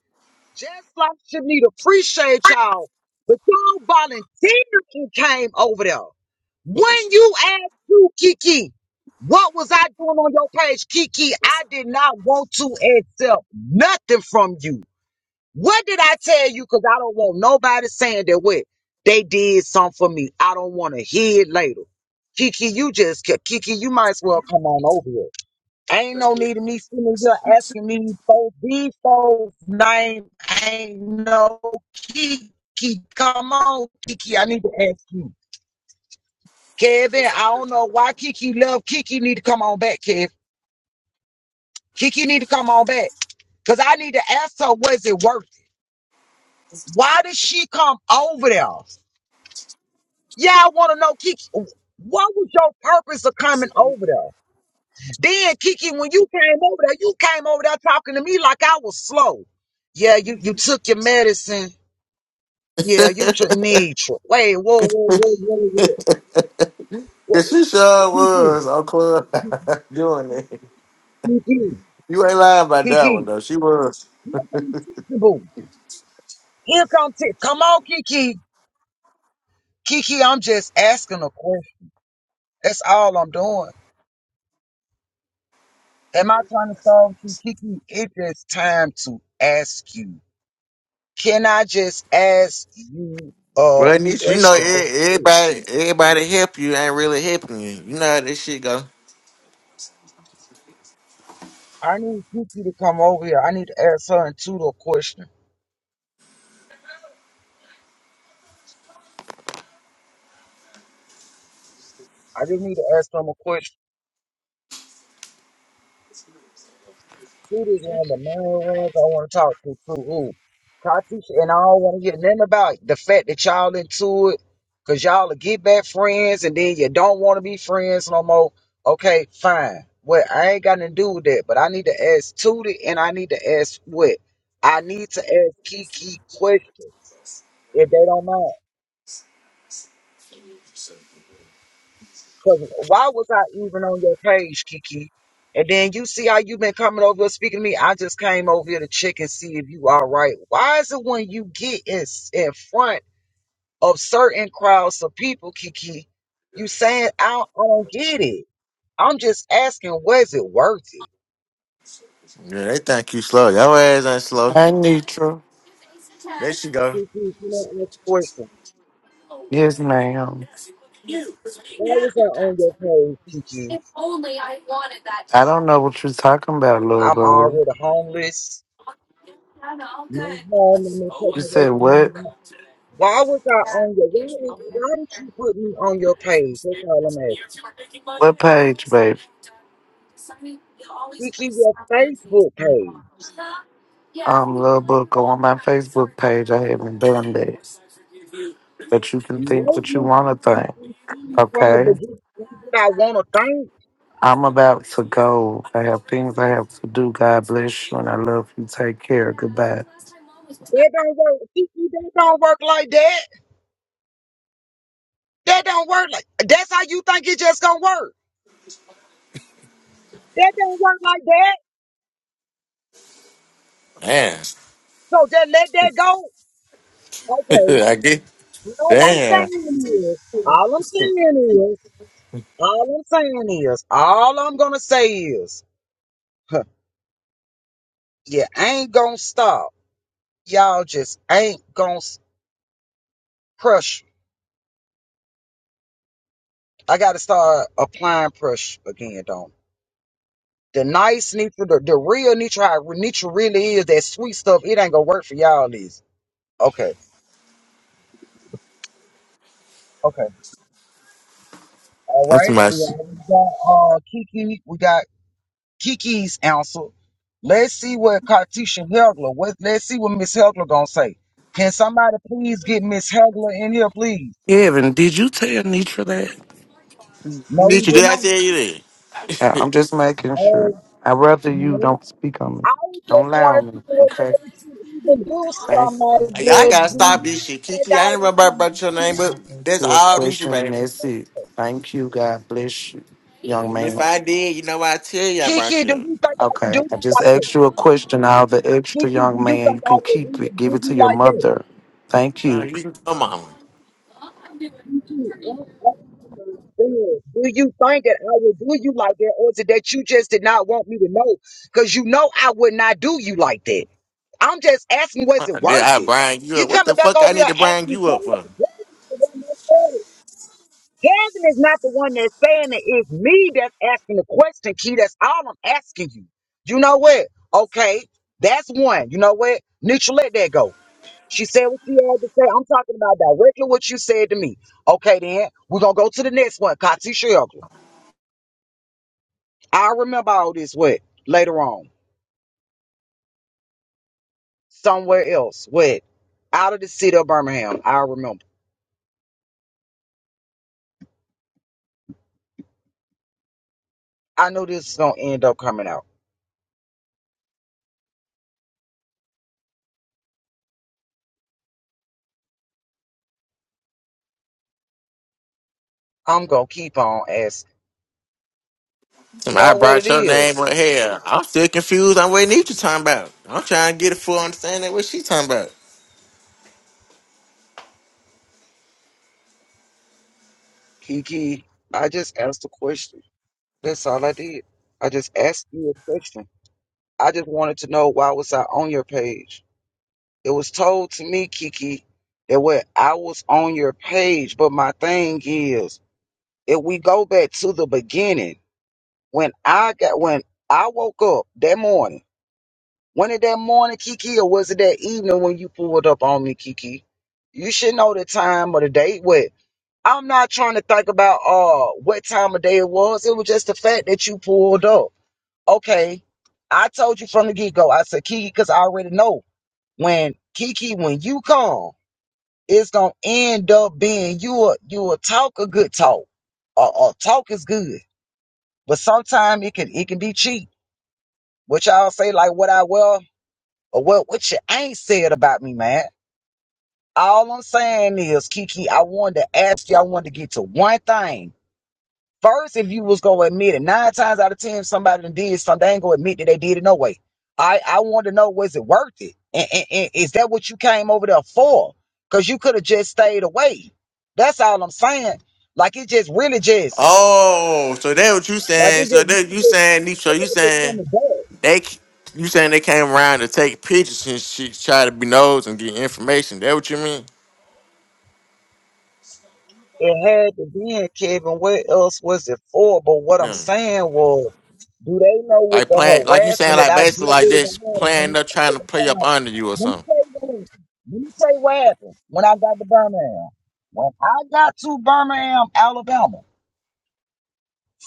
just like Shanita. Appreciate y'all. But y'all volunteered and came over there. When you asked you, Kiki, what was I doing on your page, Kiki? I did not want to accept nothing from you. What did I tell you? Because I don't want nobody saying that what they did something for me. I don't want to hear it later. Kiki, you just ca- Kiki, you might as well come on over here. Ain't no need of me sitting here asking me for these folks' name. Ain't no Kiki. Come on, Kiki. I need to ask you. Kevin, I don't know why Kiki love Kiki need to come on back, Kevin. Kiki need to come on back. Cause I need to ask her, was it worth it? Why did she come over there? Yeah, I want to know, Kiki, what was your purpose of coming over there? Then Kiki, when you came over there, you came over there talking to me like I was slow. Yeah, you you took your medicine. Yeah, you should need. tr- Wait, whoa, whoa, whoa, whoa, whoa, whoa. Cause she sure Kiki, was on club doing it. Kiki, You ain't lying about that Kiki. one though. She was. Here comes Kiki boo. Here come Ti- come on, Kiki. Kiki, I'm just asking a question. That's all I'm doing. Am I trying to solve you, Kiki? It's just time to ask you. Can I just ask you a Well, Nisha, you know question? That's e- it. everybody, everybody help you ain't really helping you. You know how this shit go. I need Kiki to come over here. I need to ask her a tutor a question. I just need to ask them a question. Shoot is one of the main ones I want to talk to too. Who? Cottage, and I don't want to hear nothing about the fact that y'all into it, cause y'all are get back friends, and then you don't want to be friends no more. Okay, fine. Well, I ain't got nothing to do with that, but I need to ask Tootie, and I need to ask what? I need to ask Kiki questions if they don't mind. Cause why was I even on your page, Kiki? And then you see how you been coming over here speaking to me. I just came over here to check and see if you all right. Why is it when you get in, in front of certain crowds of people, Kiki, you saying I don't, I don't get it? I'm just asking, was it worth it? Yeah, they think you slow. Your ass ain't slow. Hey, Neutral. There she go. Kiki, you know, ask a question. Yes, ma'am. Why was I on your page, Kiki? I don't know what you're talking about, little I'm boo. already homeless. My home, I'm You taken away said from what? me. Why was I on your? Why did, why did you put me on your page? That's all I'm asking. What page, babe? Kiki, your Facebook page. Um, little boo, go on my Facebook page. I haven't done that, but you can think Let what you me want to keep you think. included from the Okay. beginning. That's what I want to think. I'm about to go. I have things I have to do. God bless you, and I love you. Take care. Goodbye. That don't work. Kiki, that don't work like that. That don't work like. That's how you think it just gonna work. That don't work like that. Damn. So just let that go. Okay. I get All I'm damn. saying is. All I'm saying is. All I'm saying is. All I'm gonna say is. You ain't gonna stop. Y'all just ain't gonna s- pressure. I gotta start applying pressure again, don't. The nice Nitra, the, the real Nitra, how Nitra really is that sweet stuff. It ain't gonna work for y'all, is it? okay. Okay. All What's right. my We shit? already got uh Kiki. We got Kiki's answer. Let's see what Cartesian Hegler. What? Let's see what Miss Hegler gonna say. Can somebody please get Miss Hegler in here, please? Kevin, did you tell Nitra that? No, he Nisha, did did I not. tell you that? I- I'm just making No, sure. I'd rather you no. don't speak on me. I Don't just lie wanted on to me, know why okay? would you even do Thank something you. like God I I gotta that? Do bless stop you this you. shit, think Kiki. I I ain't remember I brought would, your name, I just but asked that's you a all Nisha, question, and baby. that's it. Thank you. God bless you, young And if man. I did, you know what I tell you I brought Kiki, you do up. you think I would do Okay, I you just like that? asked you a question. All the extra, Kiki, do young you man, think you I can would really keep it. Give do it you to your like that? mother. Thank Uh, you. you can come on. Kiki, I'm asking you, do you think that I would do you like that, or is it that you just did not want me to know? Because you know I would not do you like that. I'm just asking, was it Did worth I it? bring you You up? What the coming back fuck I over here need to bring asking you up for? questions. Heaven is not the one that's saying it. It's me that's asking the question, Key. That's all I'm asking you. You know what? Okay, that's one. You know what? Neutral, let that go. She said what she had to say. I'm talking about directly what you said to me. Okay, then we're gonna go to the next one, Kati Shelgler. I remember all this. What later on, somewhere else. What out of the city of Birmingham. I remember. I knew this was gonna end up coming out. I'm gonna keep on asking. You I know what it brought your is? name up here. I'm still confused on what Nisha talking about. I'm trying to get a full understanding of what she talking about. Kiki, I just asked a question. That's all I did. I just asked you a question. I just wanted to know why was I on your page? It was told to me, Kiki, that what I was on your page, but my thing is, if we go back to the beginning, when I got when I woke up that morning, when it that morning, Kiki, or was it that evening when you pulled up on me, Kiki? You should know the time or the date. What? I'm not trying to think about uh what time of day it was. It was just the fact that you pulled up. Okay. I told you from the get go. I said Kiki because I already know when Kiki when you come, it's gonna end up being you a you a talk a good talk. Uh, uh, talk is good, but sometimes it can it can be cheap. What y'all say like what I well or what what you ain't said about me, man. All I'm saying is Kiki, I wanted to ask you. I wanted to get to one thing First, if you was gonna admit it, nine times out of ten, somebody done did something, they ain't gonna admit that they did it no way. I I want to know was it worth it, and, and, and is that what you came over there for? Because you could have just stayed away. That's all I'm saying. Like it just really just Oh, so that what you like saying. it So just that really you saying, Nisha, you just just saying coming back. They, c- you saying they came around to take pictures and she try to be nosed and get information? That what you mean? It had to be in Kevin. What else was it for? But what I'm Yeah. saying was, do they know with Like the playing, like you saying, harassment that like I basically deal like with this playing behind up, trying to play it? up under you or Let me something. tell you what happened. Let me tell you what happened when I got to Birmingham. When I got to Birmingham, Alabama,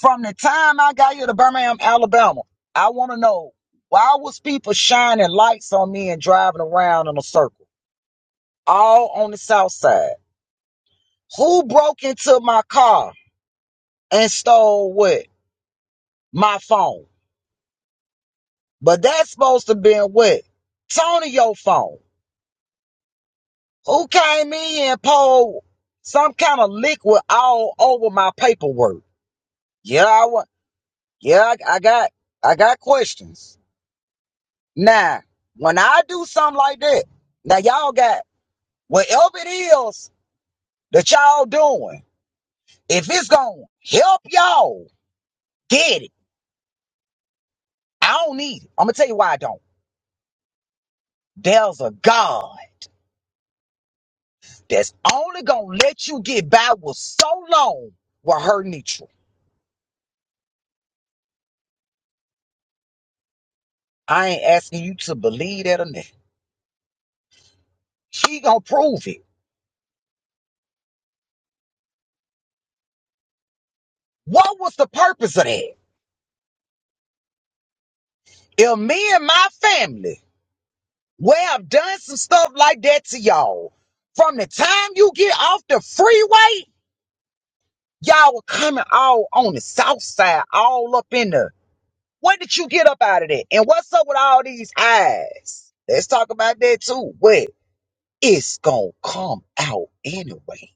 from the time I got here to Birmingham, Alabama, I want to know why was people shining lights on me and driving around in a circle, all on the south side? Who broke into my car and stole what? My phone. But that's supposed to be what? Tonyo's phone. Who came in and poured some kind of liquid all over my paperwork? Yeah, I want. Yeah, I, I got. I got questions. Now, when I do something like that, now y'all got whatever it is that y'all doing. If it's gonna help y'all get it, I don't need it. I'm gonna tell you why I don't. There's a God that's only gonna let you get by with so long with her neutral. I ain't asking you to believe that or not. She gonna prove it. What was the purpose of that? If me and my family Well, I've done some stuff like that to y'all. From the time you get off the freeway, y'all were coming all on the south side, all up in the. What did you get up out of that? And what's up with all these eyes? Let's talk about that too. But it's gonna come out anyway.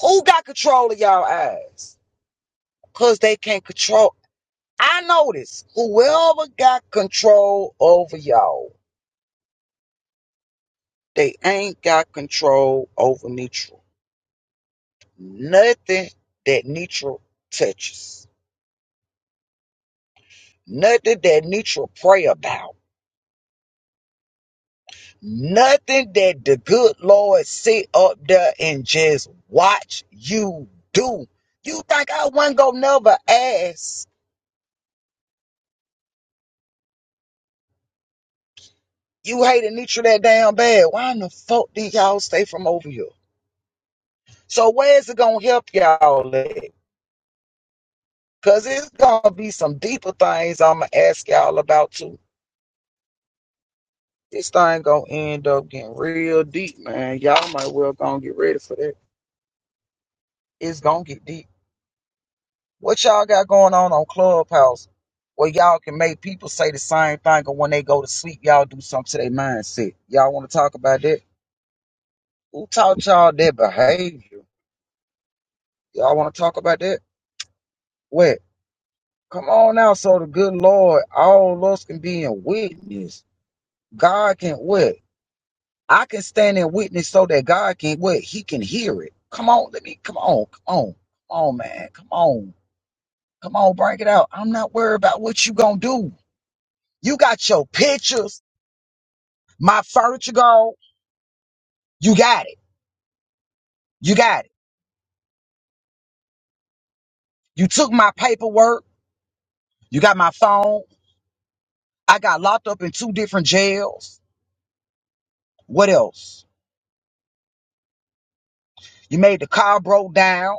Who got control of y'all eyes? Cause they can't control. I notice whoever got control over y'all, they ain't got control over me Nothing that neutral touches. Nothing that neutral pray about. Nothing that the good Lord sit up there and just watch you do. You think I wasn't gonna never ask? You hated neutral that damn bad. Why in the fuck did y'all stay from over here? So where's it gonna help y'all at? Cause it's gonna be some deeper things I'ma ask y'all about too. This thing gonna end up getting real deep, man. Y'all might well gonna get ready for that. It's gonna get deep. What y'all got going on on Clubhouse where y'all can make people say the same thing and when they go to sleep, y'all do something to their mindset? Y'all wanna talk about that? Who taught y'all that behavior? Y'all wanna talk about that? What? Come on now, so the good Lord, all of us can be in witness. God can what? I can stand and witness so that God can what he can hear it. Come on, let me come on, come on, come on, man, come on, come on, break it out. I'm not worried about what you gonna do. You got your pictures, my furniture gone. You got it. You got it. You took my paperwork. You got my phone. I got locked up in two different jails. What else? You made the car broke down.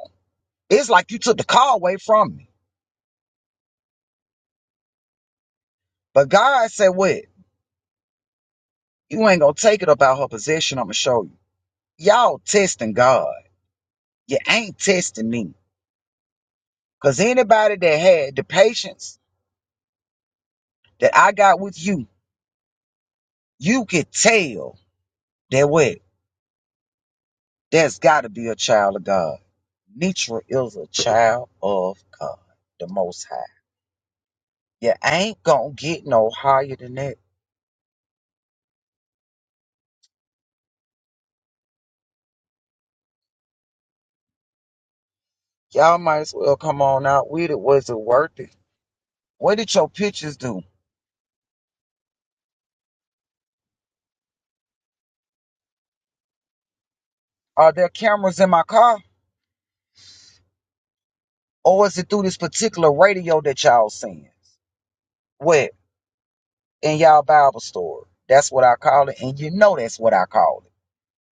It's like you took the car away from me. But God said, "What? You ain't gonna take it about her possession. I'm gonna show you." Y'all testing God. You ain't testing me. Because anybody that had the patience that I got with you, you could tell that what? There's got to be a child of God. Nitra is a child of God, the Most High. You ain't gonna get no higher than that. Y'all might as well come on out with it. Was it worth it? What did your pictures do? Are there cameras in my car? Or is it through this particular radio that y'all seeing? What? in y'all Bible store. That's what I call it, and you know that's what I call it.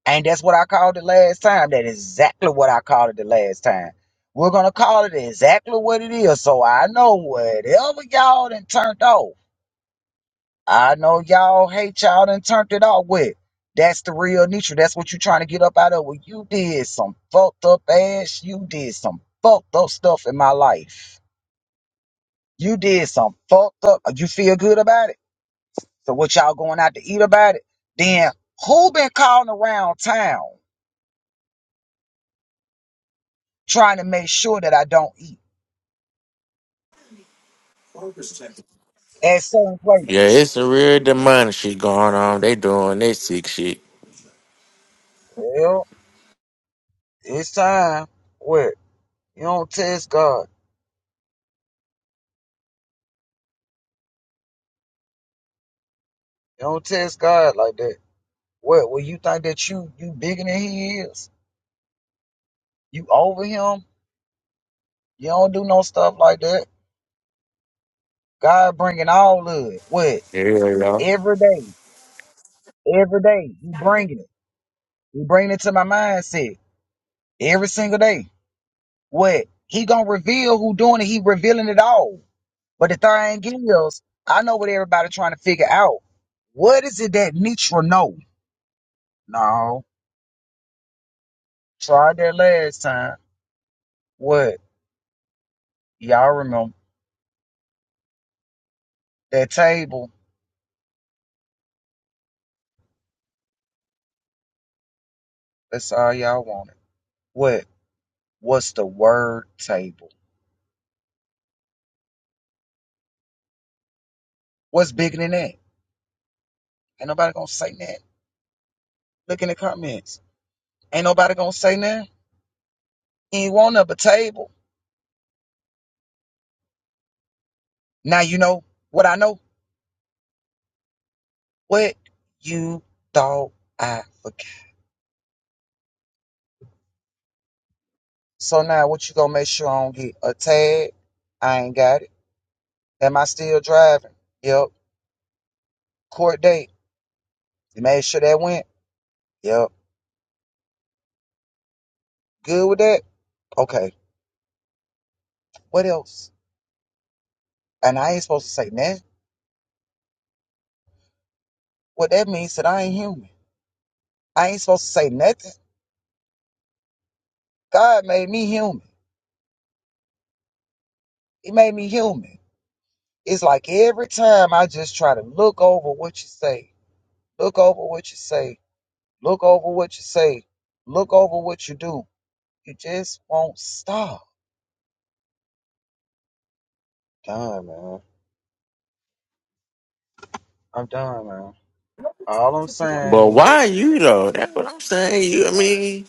And that's what I called it last time. That is exactly what I called it the last time. We're gonna call it exactly what it is. So I know whatever y'all done turned off. I know y'all hate y'all done turned it off with. That's the real nature. That's what you trying to get up out of. Well, you did some fucked up ass. You did some fucked up stuff in my life. You did some fucked up. You feel good about it? So what y'all going out to eat about it? Then who been calling around town trying to make sure that I don't eat at certain Yeah, places? it's a real demonic shit going on. They doing this sick shit. Well, it's time. What? You don't test God. You don't test God like that. What? Well, you think that you you bigger than he is? You over him? You don't do no stuff like that. God bringing all of it. What? Yeah, yeah. Every day. Every day. He bringing it. He bringing it to my mindset. Every single day. what he gonna reveal who doing it. He revealing it all. But the thing is, I know what everybody trying to figure out. What is it that Nitra know? No, tried that last time. What y'all remember that table? That's all y'all wanted. What? What's the word table? What's bigger than that? Ain't nobody gonna say that. Look in the comments. Ain't nobody gonna say that. Ain't want up a table. Now you know what I know. What you thought I forgot. So now what you gonna make sure I don't get a tag? I ain't got it. Am I still driving? Yep. Court date. You made sure that went? Yep. Good with that? Okay. What else? And I ain't supposed to say nothing. What that means that I ain't human. I ain't supposed to say nothing. God made me human. He made me human. It's like every time I just try to look over what you say, look over what you say, look over what you say, look over what you do. You just won't stop. Done, man. I'm done, man. All I'm saying But why is, you though? That's what I'm saying. You, I mean,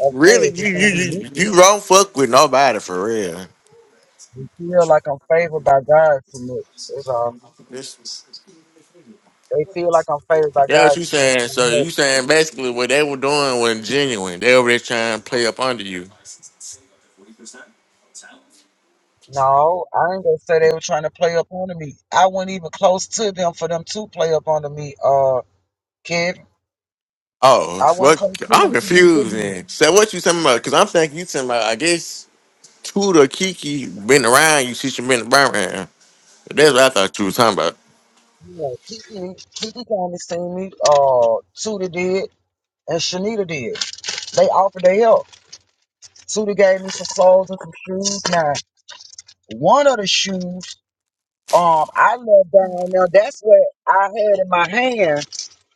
of really, course, you it's you gonna be you neutral. you don't fuck with nobody for real. We feel like I'm favored by God too much. That's all. They feel like I'm favored by That's what God you too much. saying. And I'm So like, you saying basically what they were doing was genuine. They were just trying to play up under you. No, I ain't gonna say they were trying to play up on me. I wasn't even close to them for them to play up on me. Uh, kid, Oh, I wasn't what? close to I'm them for them to confused do that. then. So what you talking about? Because I'm thinking you talking about, I guess, Tudor Kiki been around you since you been around. That's what I thought you was talking about. Yeah, Kiki, Kiki kind of seen me. Uh, Tuda did, and Shanita did. They offered their help. Tuda gave me some clothes and some shoes. Now. One of the shoes, um, I knelt down. Now that's what I had in my hand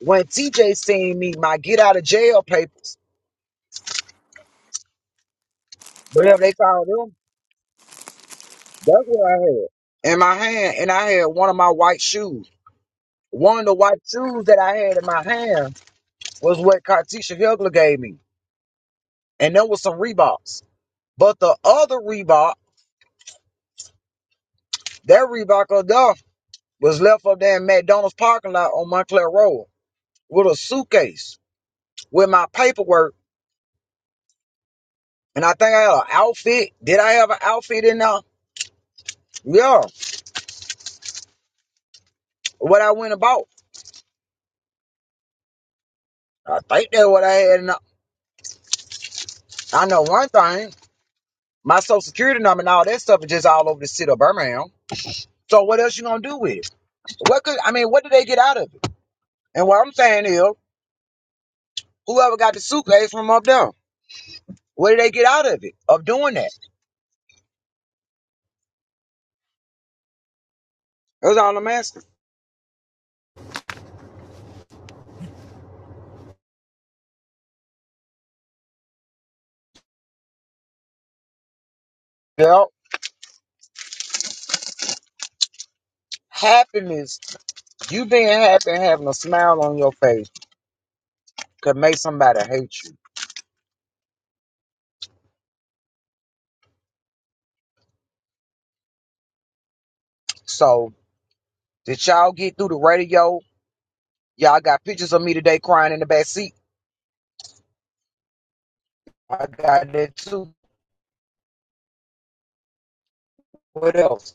when TJ seen me, my get out of jail papers, whatever they call them. That's what I had in my hand, and I had one of my white shoes. One of the white shoes that I had in my hand was what Cartisha Hugler gave me, and there was some Reeboks. But the other Reebok, that Reebok up there, was left up there in McDonald's parking lot on Montclair Road with a suitcase with my paperwork And I think I had an outfit. Did I have an outfit in there? Yeah. What I went about. I think that's what I had in there. I know one thing. My social security number and all that stuff is just all over the city of Birmingham. So what else you gonna do with it? What could I mean, what did they get out of it? And what I'm saying is, whoever got the suitcase from up there, what did they get out of it? Of doing that. That's all I'm asking. Well, happiness, you being happy and having a smile on your face could make somebody hate you. So did y'all get through the radio Y'all got pictures of me today crying in the back seat. I got that too. What else?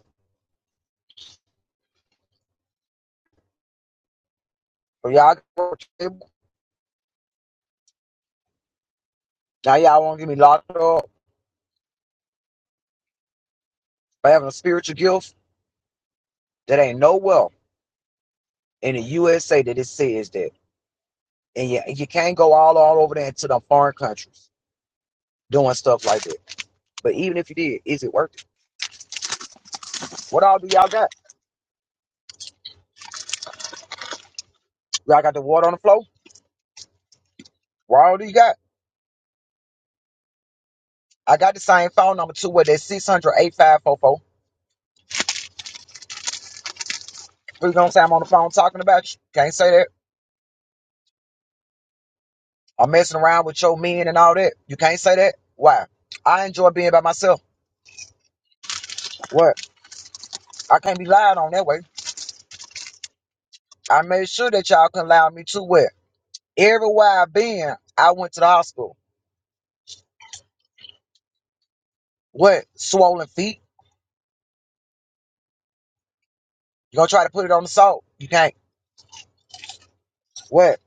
But y'all now y'all won't get me locked up for having a spiritual gift that ain't no well in the USA that it says that. And you, you can't go all, all over there to the foreign countries doing stuff like that. But even if you did, is it worth it? What all do y'all got? Y'all got the water on the floor? What all do you got? I got the same phone number too, what that 600 8544. Three times I'm on the phone talking about you. Can't say that. I'm messing around with your men and all that. You can't say that. Why? I enjoy being by myself. What? I can't be lied on that way. I made sure that y'all can allow me to what? Everywhere I've been, I went to the hospital. What? Swollen feet? You gonna try to put it on the salt? You can't. What?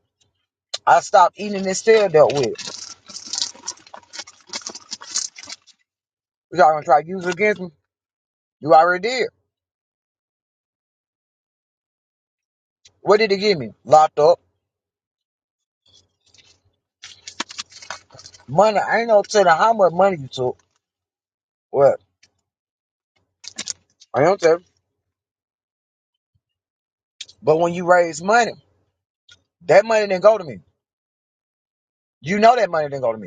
I stopped eating and still dealt with it. Y'all gonna try to use it against me? You already did. What did it give me? Locked up. Money. I ain't no telling how much money you took. What? I don't tell. you. But when you raise money, that money didn't go to me. You know that money didn't go to me.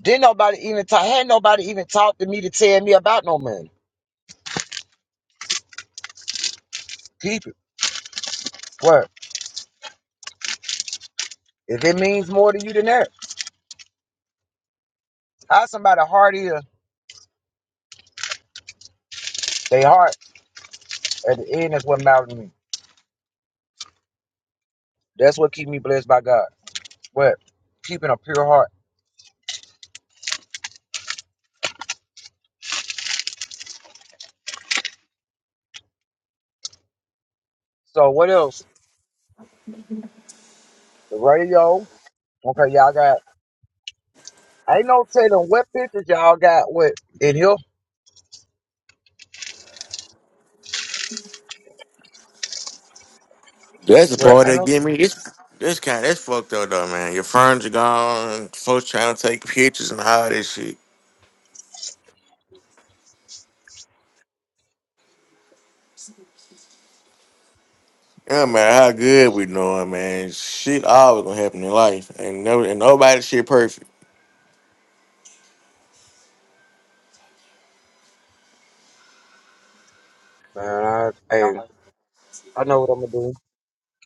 Didn't nobody even talk. Had nobody even talked to me to tell me about no money. Keep it. What? If it means more to you than that, how somebody heart is, they heart at the end is what matters to me. That's what keep me blessed by God. What? Keeping a pure heart. So what else? The radio. Okay, y'all got. Ain't no telling what pictures y'all got. What in here? That's the Well, part I that know. give me. It's, this kind that's fucked up though, man. Your friends are gone. Folks trying to take pictures and all this shit. Yeah, man, how good we doing, man. Shit always gonna happen in life, and no, and nobody shit perfect. Man, I, hey, I know what I'm gonna do.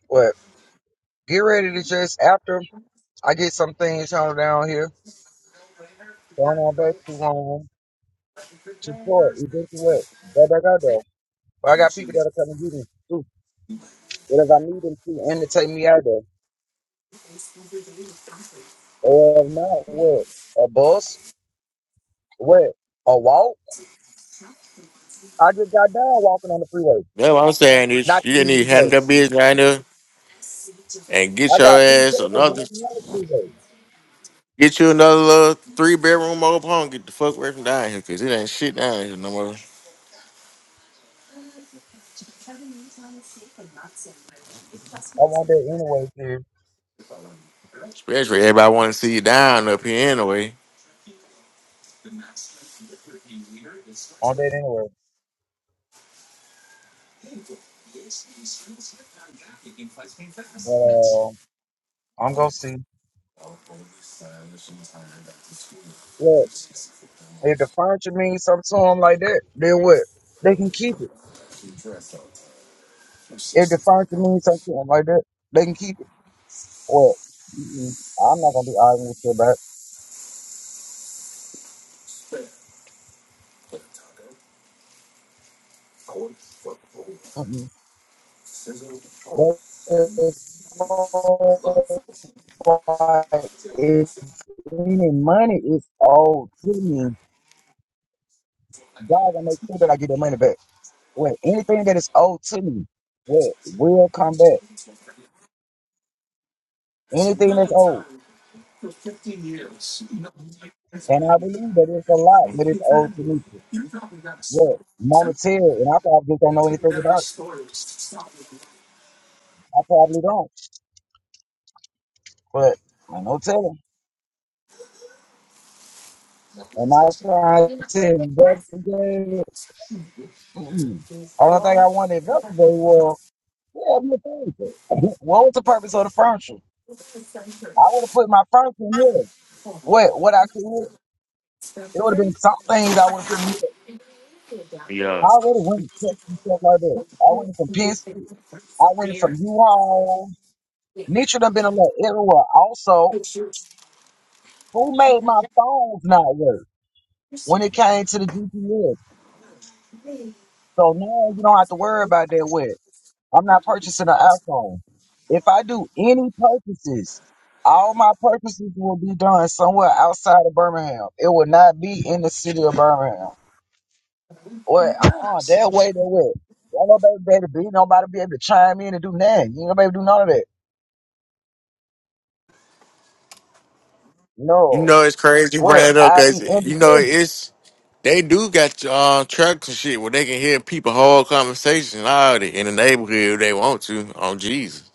What? Get ready to just after I get some things on down here. Going on back to home. Support, eventually. But I got though. But I got people that'll come and get me too. Whatever I need them to and to take me out there. Or if not, what? A bus? What? A walk? I just got down walking on the freeway. That's what I'm saying. Not Is you too just long need to handle ago. your business right now and I get your got two ass people another. walking on the freeway. Get you another little three bedroom mobile home. Get the fuck away from down here, cause it ain't shit down here no more. I want that anyway, kid. Especially everybody want to see you down up here anyway. I want that anyway. But uh, I'm gonna see. Look, if the furniture means something to them like that, then what? They can keep it. If the furniture means something to them like that, they can keep it. Well, mm-mm, I'm not gonna be arguing with you about. it. Mm-mm. But as far as like, if any money is owed to me, God will make sure that I get that money back. Well, anything that is owed to me, well, will come back. Anything that's owed, and I believe that it's a lot that is owed to me. Well, monetary, and I probably don't know anything about it. I probably don't, but I no telling. And I tried to investigate Mm-mm. Only thing I wanted to investigate was yeah, my furniture. what was the purpose of the furniture? I would have put my furniture in here. What what I could it would have been some things I would have put in here. I already went and checked and stuff like that. I went from Penske. I went from you all. Nietzsche done been a lot everywhere. Also, who made my phones not work when it came to the GPS? So now you don't have to worry about that. What? I'm not purchasing an iPhone. If I do any purchases, all my purchases will be done somewhere outside of Birmingham. It will not be in the city of Birmingham. Or uh-uh, that way, that way. Y'all know baby, baby, be nobody be able to chime in and do nothing. You know, baby, do none of that. You No. know it's crazy you bring What? it up, I'll be cause you know independent. it's they do got uh, trucks and shit where they can hear people whole conversation out in the neighborhood if they want to on Jesus.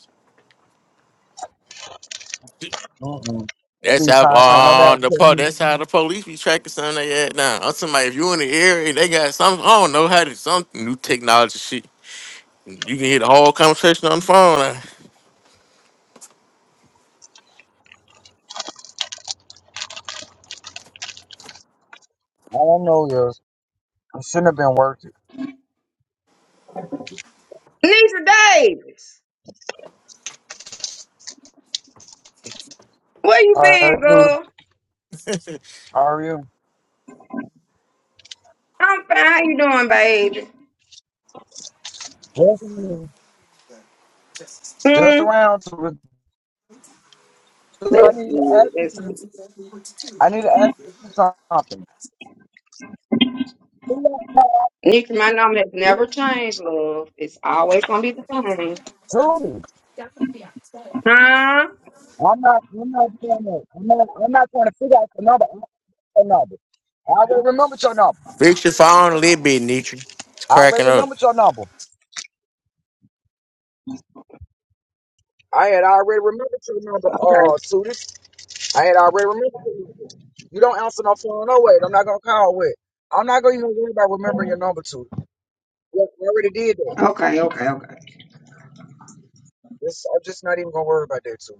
Mm-mm. That's Every how time, can't uh, nobody the tell po- me. that's how the police be tracking something they had now. I'm somebody if you in the area they got some I don't know how to some new technology shit. You can hear the whole conversation on the phone. I don't know yours. It shouldn't have been worth it. Nisha Davis, where you All right, been, dude. girl? How are you? I'm fine. How you doing, baby? Just just Mm, around to I that's need your good. That's address good. I need to ask you something. Nisha, my number has never changed, love. It's always gonna be the same. Dude, Huh? I'm not, I'm not doing it. I'm not, I'm not trying to figure out your number. I don't your number. I already remembered your number. Fix your phone a little bit, Nietzsche. It's I cracking already up. remembered your number. I had already remembered your number, Okay. uh, Sudis. I had already remembered your number. You don't answer no phone, no way. I'm not gonna call with. I'm not gonna even worry about remembering your number, too. Look, I already did that. Okay. Okay. Okay. It's- I'm just not even gonna worry about that, too.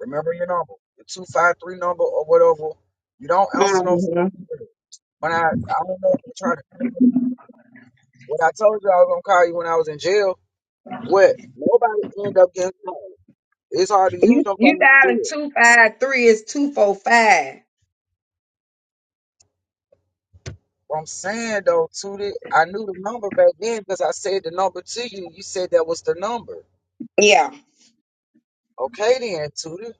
Remember your number, the 253 number or whatever. You don't answer no hmm phone number. When I, I don't know if I tried to call you. What I told you I was going to call you when I was in jail, what? Nobody ended up getting called. It's hard to use You no you phone in jail. dialing two five three is two four five. What I'm saying though, Tootie, I knew the number back then because I said the number to you. You said that was the number. Yeah. Okay then, Tootie.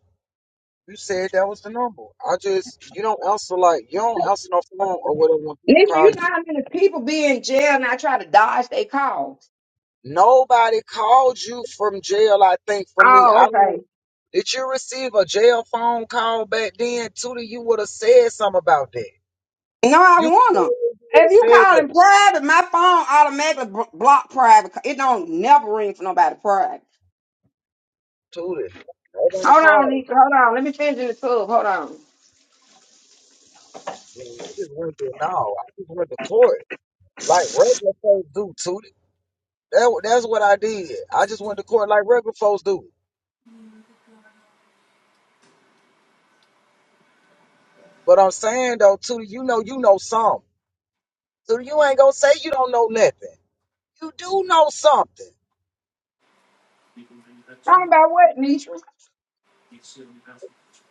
You said that was the number. I just, you don't answer like, you don't answer no phone or whatever when people Nisha, call you. you know how many people be in jail and I try to dodge their calls. Nobody called you from jail, I think, from me. Oh, I okay. don't Did you receive a jail phone call back then? Tootie, you would have said something about that. No, I You want them. would have If you said call that. in private, my phone automatically bl- block private. It don't never ring for nobody private. Tootie, nobody Hold on, called. Nisha. Hold on. Let me finish in the tub. Hold on. Man, I just went to, no, I just went to court like regular folks do, Tootie. That, wa- that's what I did. I just went to court like regular folks do. But I'm saying, though, Tootie, you know you know something. Tootie, you ain't going to say you don't know nothing. You do know something. Talking about what, Nisha?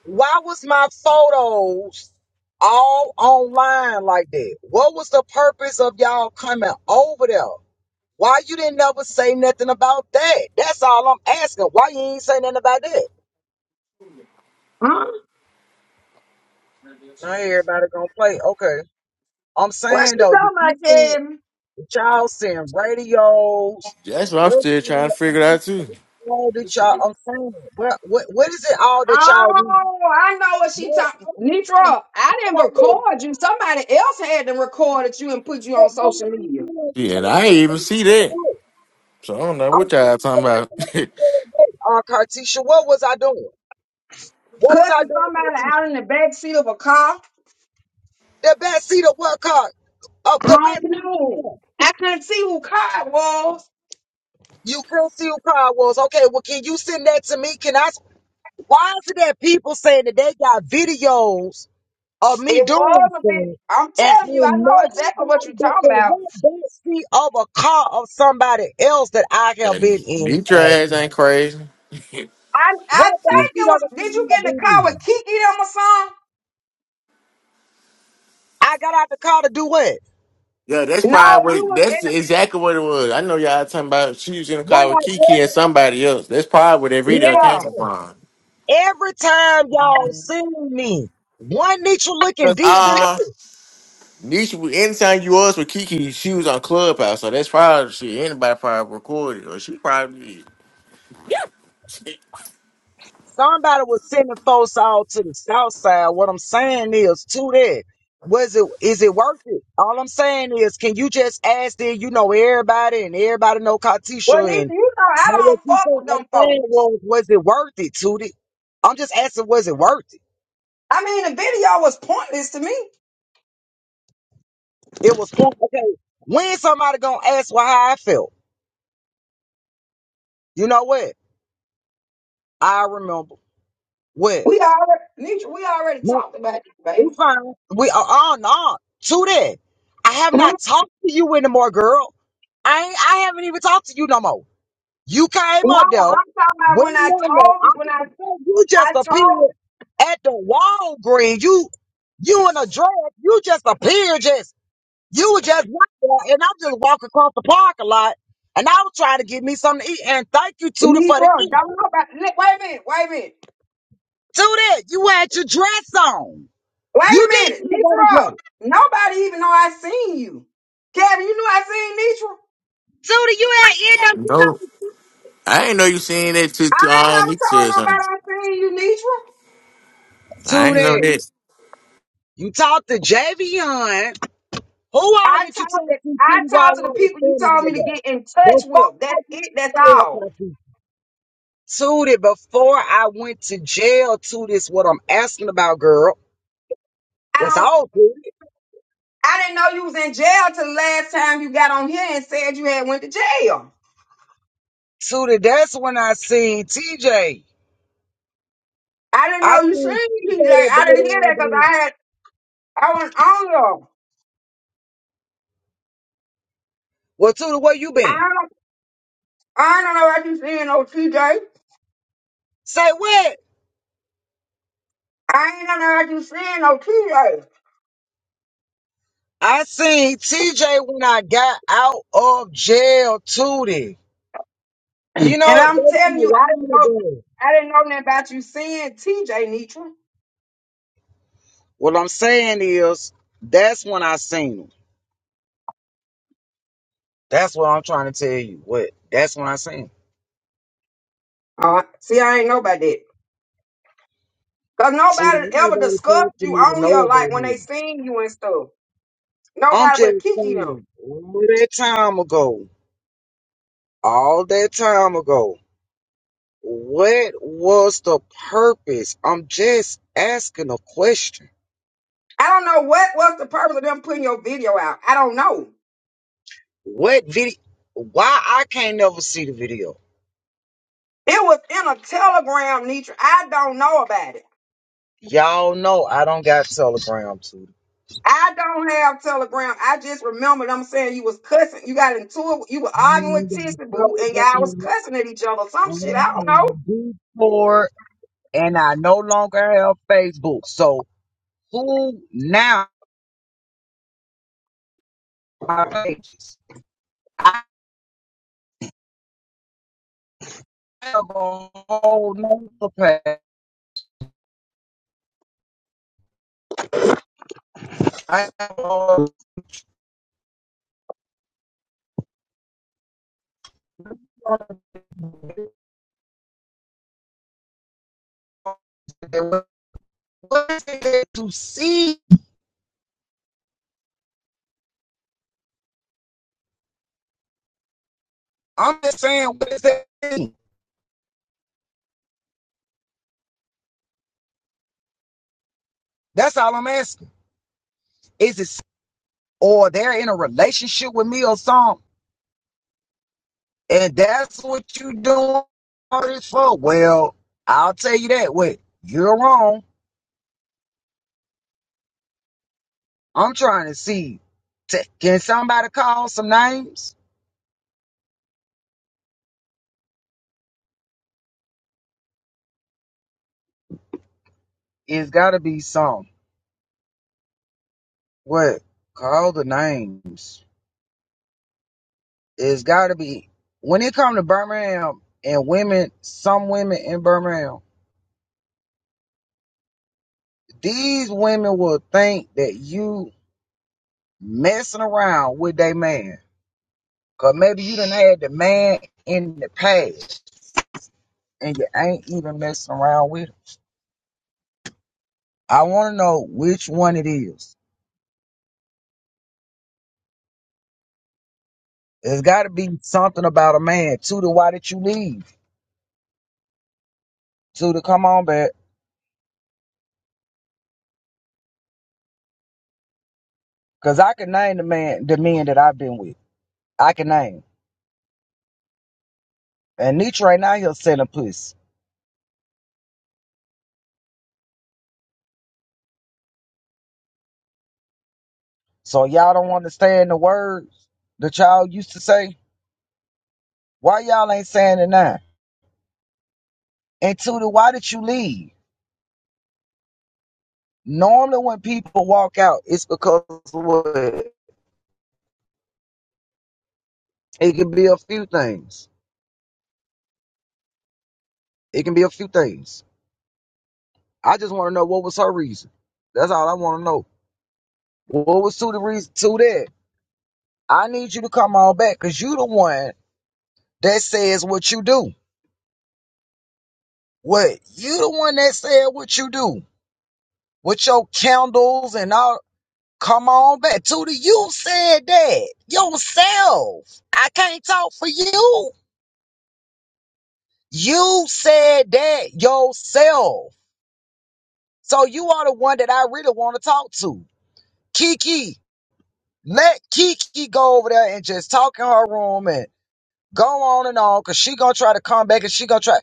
Why was my photos all online like that? What was the purpose of y'all coming over there? Why you didn't never say nothing about that? That's all I'm asking. Why you ain't say nothing about that? Huh? Not everybody gonna play. Okay. I'm What saying she though, did you talking about, see Kevin? did y'all send radios? That's what I'm What still trying to figure out too. all that y'all I'm saying? What what what is it all that y'all need? Oh, I know what she What, talking. Nitra, I didn't record you. Somebody else had to record you and put you on social media. Yeah, and I ain't even see that. So I don't know what y'all talking about. Oh, Cartisha, what was I doing? What was I Cussing doing, somebody Cartisha? out in the back seat of a car. The back seat of what car? Of I the back don't seat of what know. car? I couldn't see who car it was. You couldn't see who car it was. Okay, well, can you send that to me? Can I? s- Why is it that people saying that they got videos of me It was doing a big. stuff I'm and ain't telling you, I know nobody exactly what you're been talking in about. what back seat of a car of somebody else that I have And been in? Nietzsche ass ain't crazy. I I What bad think feet it on was. the Did you time get I in the be car with in? Kiki them or something? I got out the car to do what? Yeah, that's No, probably you what was in. that's exactly what it was. I know y'all talking about she was in the One car with night Kiki dress and somebody else. That's probably where that and The, video came yeah. from. said Cause Every time y'all seen me, one nature looking deep in uh there, Nisha was- anytime you was with Kiki, she was on Clubhouse, so that's probably she anybody probably recorded or she probably somebody was sending folks all to the south side. What I'm saying is to that. Was it is it worth it? All I'm saying is can you just ask that you know everybody and everybody know Well, Katisha Nisha, and you know know I what don't you fuck think? with I'm them saying folks. was was it worth it, Tootie? I'm just asking, was it worth it? I mean, the video was pointless to me. It was going okay. When somebody gonna ask why how I felt? You know what? I remember. What? We already, Nisha, we already No, talked about this, it's baby. fine. We are on on to that. I have Hmm? not talked to you anymore, girl. I ain't, I haven't even talked to you no more. You No, came up though. I'm talking about Wait a when I minute. I told, when I was saying, you I just appeared told at the Walgreens. You you in a dress. You just appeared just. You were just right there, and I'm just walking across the park a lot, and I was trying to get me something to eat. And thank you, Tootie, Nisha, for the chicken. don't know about. Wait a minute, wait a minute. Tootie, you had your dress on. Wait You a minute, didn't have on a dress. Nitro. Nobody even know I seen you. Kevin, you knew I seen Nitro. Tootie, you had end up did. No. I ain't know you seen that to, I to ain't um never he said told something. nobody I seen you, Nitro. getting I up. ain't know Tootie, this. you talked to Javion. Who all I did you talked talk to, to, I Tootie, while I talked to the was people you standing told right me to there? get in touch Before with. That's I went it. to That's jail, all. Tootie, Tootie, before I went to jail, Tootie, is what I'm asking about, girl. I That's don't. all, Tootie. I didn't know you was in jail till the last time you got on here and said you had went to jail. Tootie, that's when I seen TJ. I didn't I know you seen TJ seen DJ. that day I there didn't hear that because and there. I had I wasn't on you. Well, Tudor, where you been? I don't. I don't know what you seen no TJ. Say what? I ain't know what you seen no TJ. I seen TJ when I got out of jail, Tootie. You And know, I'm that's been telling a you, I didn't while know ago. I didn't know nothing about you seeing TJ Nitra. What I'm saying is, that's when I seen him. That's what I'm trying to tell you. What? That's when I seen him. Uh, see, I ain't know about that. Cause Tootie, nobody ain't ever nobody asking discussed you me to on here know like about when they me. seen you and stuff. I'm Nobody just but Kiki them. saying, all that time ago, all that time ago. What was the purpose? I'm just asking a question. I don't know what was the purpose of them putting your video out. I don't know. What video? Why I can't never see the video? It was in a telegram, Nitra. I don't know about it. Y'all know I don't got Telegram to. I don't have telegram. I just remember them saying you was cussing. You got into it. You were I arguing ain't with got Tissy Boo and y'all was Telegram. cussing at each other. I Some shit. I don't know. don't have Discord, and I no longer have Facebook. So who now my page? I have a whole nother page. I have a whole nother page. What is it to see? I'm just saying, what is that? thing? That's all I'm asking. Is it or they're in a relationship with me or something? And that's what you doing all this for? Well, I'll tell you that. Wait, you're wrong. I'm trying to see. T- Can somebody call some names? It's got to be some. What? Call the names. It's got to be. When it come to Birmingham and women, some women in Birmingham, these women will think that you messing around with they man. Cause maybe you done had the man in the past and you ain't even messing around with him. I wanna know which one it is. There's gotta be something about a man. Too why did you leave? Too come on back. Cause I can name the man the men that I've been with. I can name. And Nietzsche right now he'll selling pussy. So y'all don't understand the words the child used to say. Why y'all ain't saying it now? And Tootie, why did you leave? Normally, when people walk out, it's because what? It can be a few things. It can be a few things. I just want to know what was her reason. That's all I want to know. What was Sue the reason to that? I need you to come on back because you the one that says what you do. What you the one that said what you do with your candles and all. Come on back. Tootie. you said that yourself. I can't talk for you. You said that yourself. So you are the one that I really want to talk to. Kiki. Let Kiki go over there and just talk in her room and go on and on because she gonna try to come back and she gonna try.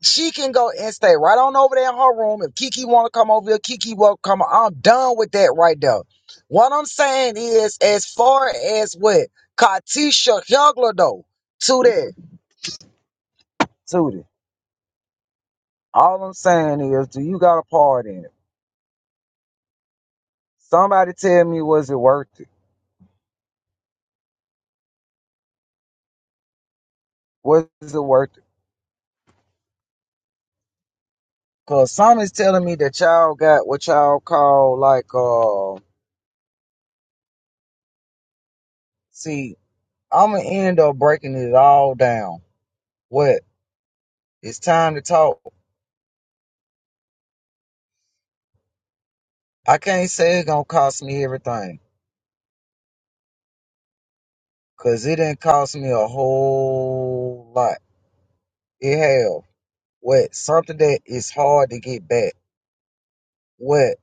She can go and stay right on over there in her room. If Kiki wanna come over here, Kiki will come. I'm done with that right there. What I'm saying is as far as what Katisha Hugler though, to that. To that. All I'm saying is, do you got a part in it? Somebody tell me was it worth it? Was it worth it? Cause some is telling me that y'all got what y'all call like uh see, I'ma end up breaking it all down. What? It's time to talk. I can't say it's gonna cost me everything. Cause it didn't cost me a whole lot. It hell. What? Something that is hard to get back. What?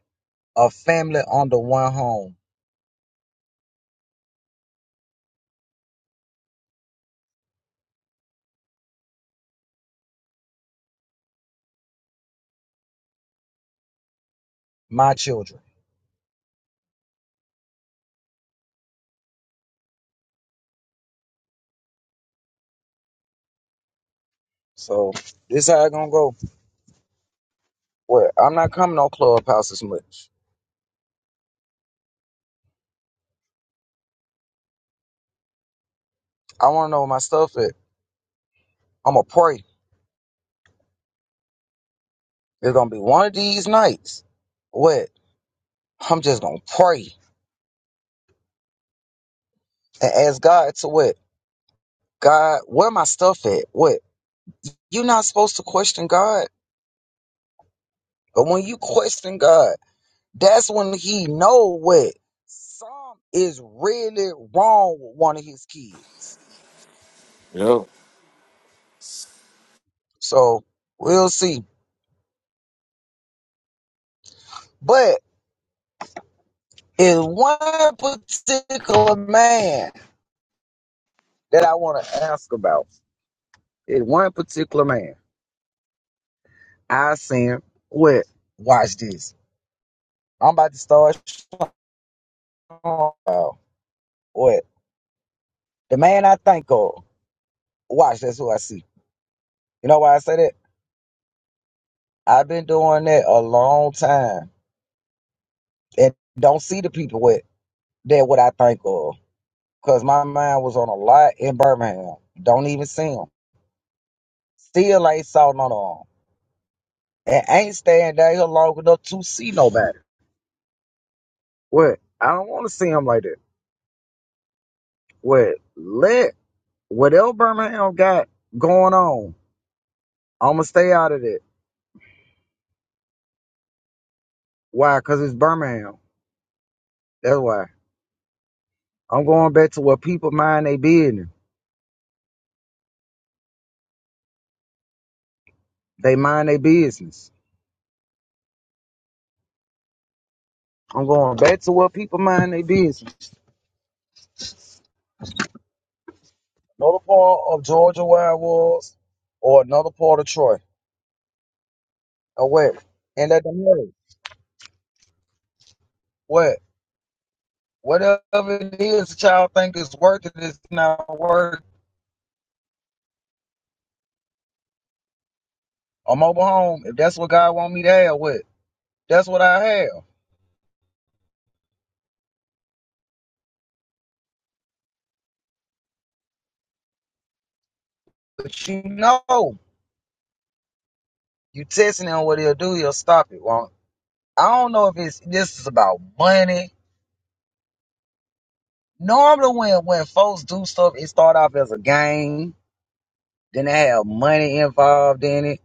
A family under one home. My children. So this how it gonna go. What? I'm not coming on clubhouse as much. I wanna know where my stuff at. I'ma pray. There's gonna be one of these nights. What? I'm just gonna pray and ask God to what? God, where my stuff at? What? You're not supposed to question God, but when you question God, that's when He know what some is really wrong with one of His kids. Yo. So we'll see. But in one particular man that I want to ask about, in one particular man, I seen what? Watch this. I'm about to start showing you what the man I think of. Watch, that's who I see. You know why I say that? I've been doing that a long time and don't see the people with that what I think of. Cause my mind was on a lot in Birmingham. Don't even see them. Still ain't saw none of them. And ain't staying down here long enough to see nobody. What? I don't want to see them like that. What? Let whatever Birmingham got going on, I'ma stay out of that. Why? Cause it's Birmingham. That's why. I'm going back to where people mind their business. They mind their business. I'm going back to where people mind their business. Another part of Georgia where I was, or another part of Troy, or what? And let them know what whatever it is the child think is worth it is not worth a mobile home. If that's what God want me to have, what? That's what I have. But you know, you testing on what he'll do, he'll stop it. Won't? I don't know if it's this is about money Normally, when when folks do stuff, it start off as a game. Then they have money involved in it.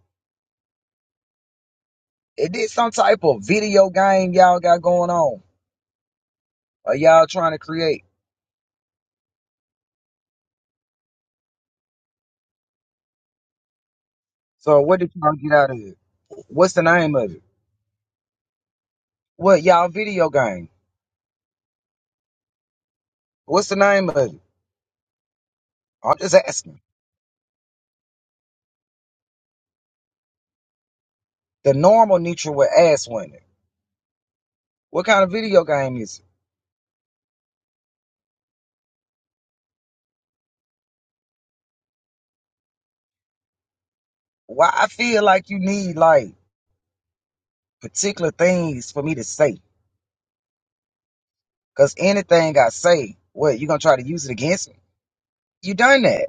It did some type of video game y'all got going on, or y'all trying to create. So what did y'all get out of it? What's the name of it? What y'all video game? What's the name of it? I'm just asking. The normal nature would ask one. What kind of video game is it? Why I feel like you need like particular things for me to say. Cause anything I say, what you gonna try to use it against me? You done that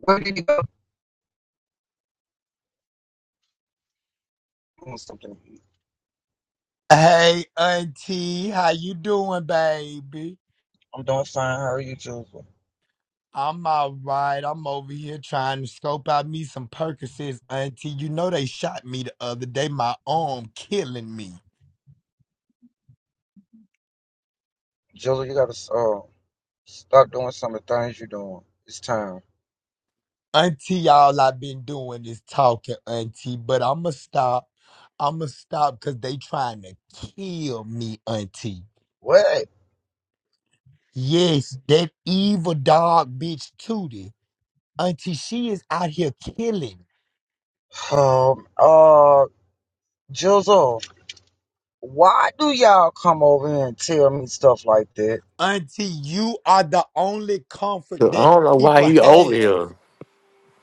Where did you go? Doing something. Hey, auntie, how you doing, baby? I'm doing fine. How are you, Jizzle? I'm all right. I'm over here trying to scope out me some Percocets, auntie. You know they shot me the other day. My arm killing me. Jizzle, you gotta uh, stop doing some of the things you're doing. It's time. Auntie, all I've been doing is talking, auntie, but I'ma stop. I'ma stop because they trying to kill me, auntie. What? Yes, that evil dog bitch Tootie. Auntie, she is out here killing. Um. Uh. Jizzle, why do y'all come over here and tell me stuff like that? Auntie, you are the only comfort So that I don't know why people he over have. here.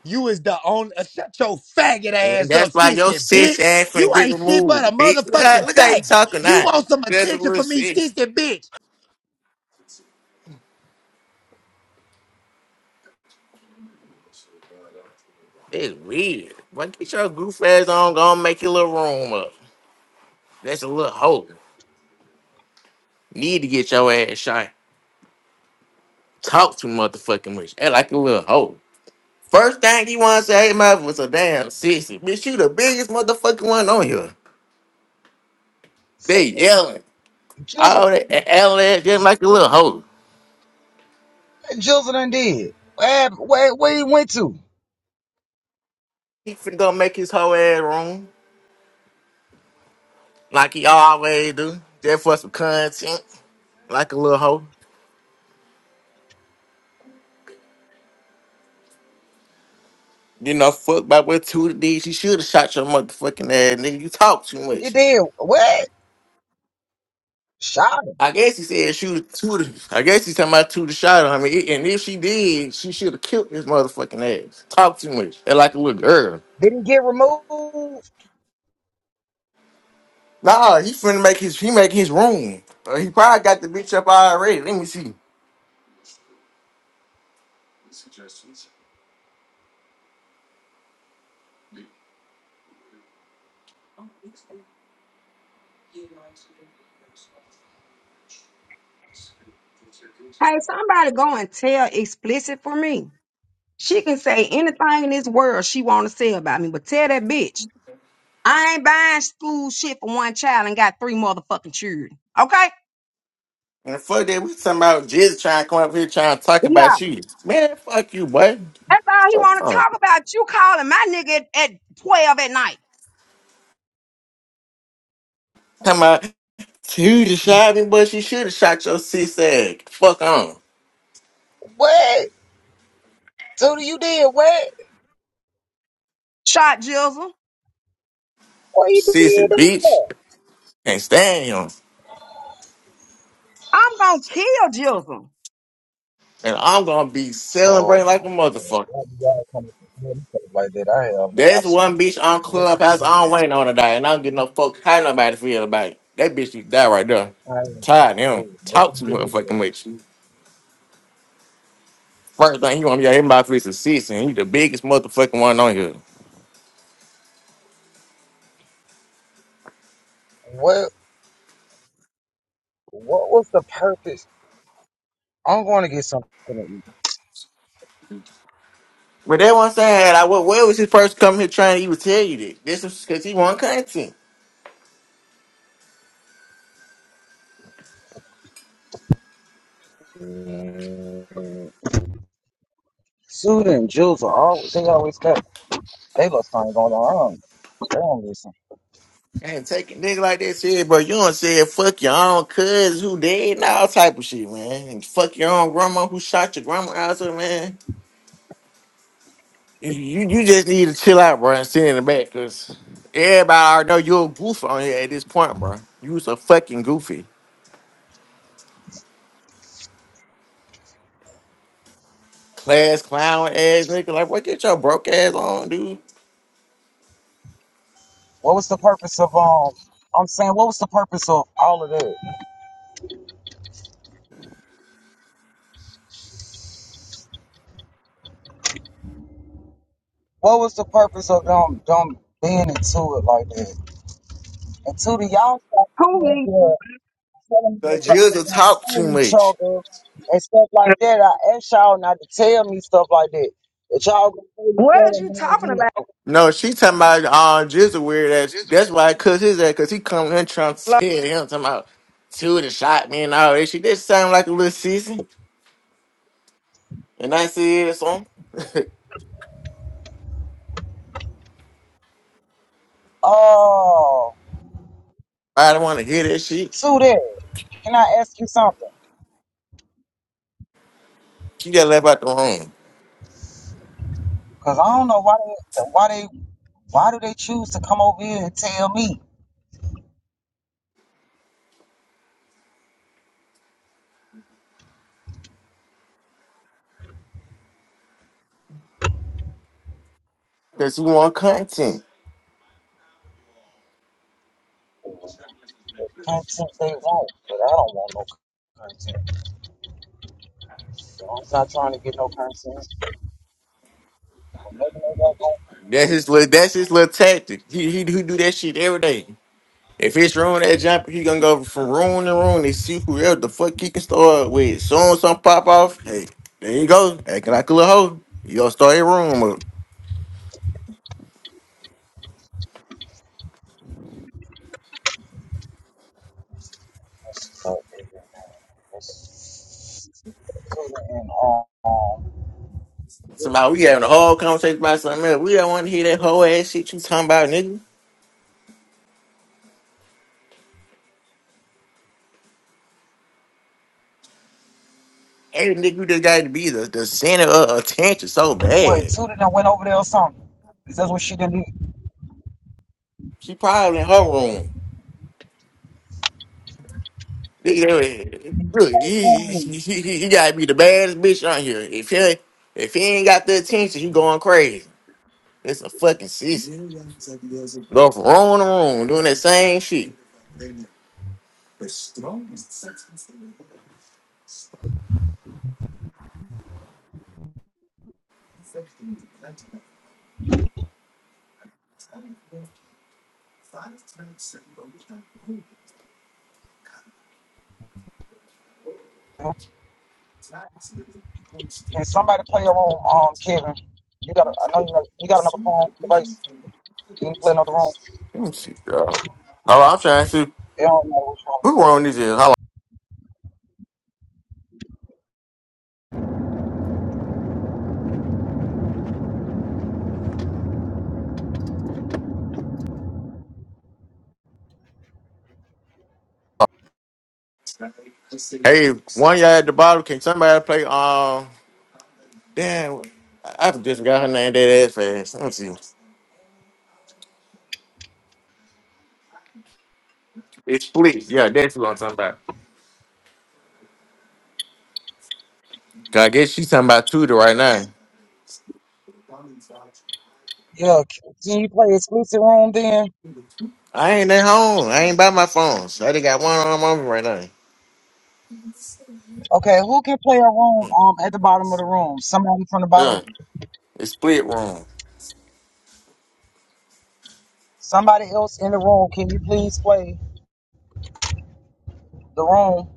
You is the only. uh, shut your faggot And ass that's up, why your sissy sis bitch. ass You finna get ain't shit but removed, a bitch. Look how motherfucking look how you faggot. talking You now. want some That's a attention little from me, sis. sissy bitch. It's weird. But get your goof ass on, go and make your little room up. That's a little hoe. Need to get your ass shot. Talk too motherfucking much. Act like a little hoe. First thing you wanna say, hey mother was a damn sissy. Bitch, you the biggest motherfucking one on here. So, They yelling. Jizzle, Oh, that L ass, just like a little hoe. Jizzle, done did. Where, where, where he went to? He finna go make his whole ass room, like he always do, just for some content, like a little hoe. You know, fuck by what Tudor did. She should have shot your motherfucking ass, nigga. You talk too He much. did. What? Shot him. I guess he said shoot Tudor. I guess he's talking about Tudor shot her. I mean, and if she did, she should have killed his motherfucking ass. Talk too much, and like a little girl. Did he get removed? Nah, he finna make his he make his room. Uh, he probably got the bitch up already. Let me see. Hey, somebody go and tell explicit for me. She can say anything in this world she want to say about me, but tell that bitch I ain't buying school shit for one child and got three motherfucking children. Okay? And fuck that, we talking about Jizz trying to come up here trying to talk Yeah. about you. Man, fuck you, boy. That's all he want to talk about. You calling my nigga at, at twelve at night. Talking about who the shot me, but she should have shot your sis ass. Fuck on. What? Tootie, you did what? Shot Jizzle. What you did Sissy, that bitch. for? Can't stand him. I'm gonna kill Jizzle. And I'm gonna be Oh celebrating my like a God. motherfucker. Why do y'all come up with nothing like that? I have That's absolutely, one bitch on Clubhouse I'm waiting on today, and I don't get no fuck how nobody feel about it. That bitch you die right there. I have Tired of him. absolutely nothing Talk to to do with that. motherfucking with you. First thing you want to be out here about is a sis, and you the biggest motherfucking one on here. What, what was the purpose? I'm going to get something to eat. But that one saying, like, what, where was this person coming here trying to even tell you this? This was because he want content. Mm. Suda and Jules are always, they always got, they look thing going on. I don't, They don't listen. And taking nigga like that said, bro, you don't say fuck your own cuz who dead and all type of shit, man. And fuck your own grandma who shot your grandma out there, man. You, you you just need to chill out, bro, and sit in the back, cause everybody already know you're a goof on here at this point, bro. You was a fucking goofy. Class clown ass nigga. Like, what get your broke ass on, dude? What was the purpose of, um, I'm saying, what was the purpose of all of that? What was the purpose of them, them being into it like that? And Tootie, y'all Who needs stop. you? Telling me to Cause you God just talk too and each much. other and stuff like that. I asked y'all not to tell me stuff like that. That y'all gonna really What is tell me. you talking about? No, she talking about uh Jizzle weird ass. That's why I cuss his ass because he come in trying to tell him talking about two the shot me and all that shit. That sound like a little sissy. And I said it's on. all that. I don't want to hear that shit. Oh, to that. Can I ask you something? She got left out the room Cause I don't know why they why they why do they choose to come over here and tell me because he want content. content they want? But I don't want no content. So I'm not trying to get no content. I'm making it up on- That's his little. That's his little tactic. He he, he do that shit every day. If it's room that jumper, he gonna go from room to room and see who else the fuck he can start with. Soon some pop off. Hey, there you go. Acting like a little hoe. You gonna start your room up. so, Couldn't and all. Somebody, we having a whole conversation about something else. We don't want to hear that whole ass shit you talking about, nigga. Every nigga you just got to be the, the center of attention so What, bad. two of them went over there or something? Is that what she didn't She probably in her room. Nigga, look, do? you, you, you gotta be the baddest bitch on here. If he if he ain't got the attention, he going crazy. It's a fucking season. Go from room to room doing that same shit. Can somebody play a room, um, Kevin? You got, I know you got, you got another phone device. Can you play another room? Let me see, girl. All right, I'm trying to see They don't know what's wrong. to who play. wrong this is. Hold on. Hey, one y'all at the bottom, can somebody play? um? Damn, I I just got her name that ass fast. Let me see. It's Split. Yeah, that's who I'm talking about. 'Cause I guess she's talking about Tudor right now. Yeah, c- can you play exclusive room then? I ain't at home. I ain't by my phone. So I just got one arm on me right now. Okay, who can play a room um at the bottom of the room? Somebody from the bottom, Yeah, it's Split wrong. somebody else in the room. Can you please play the room?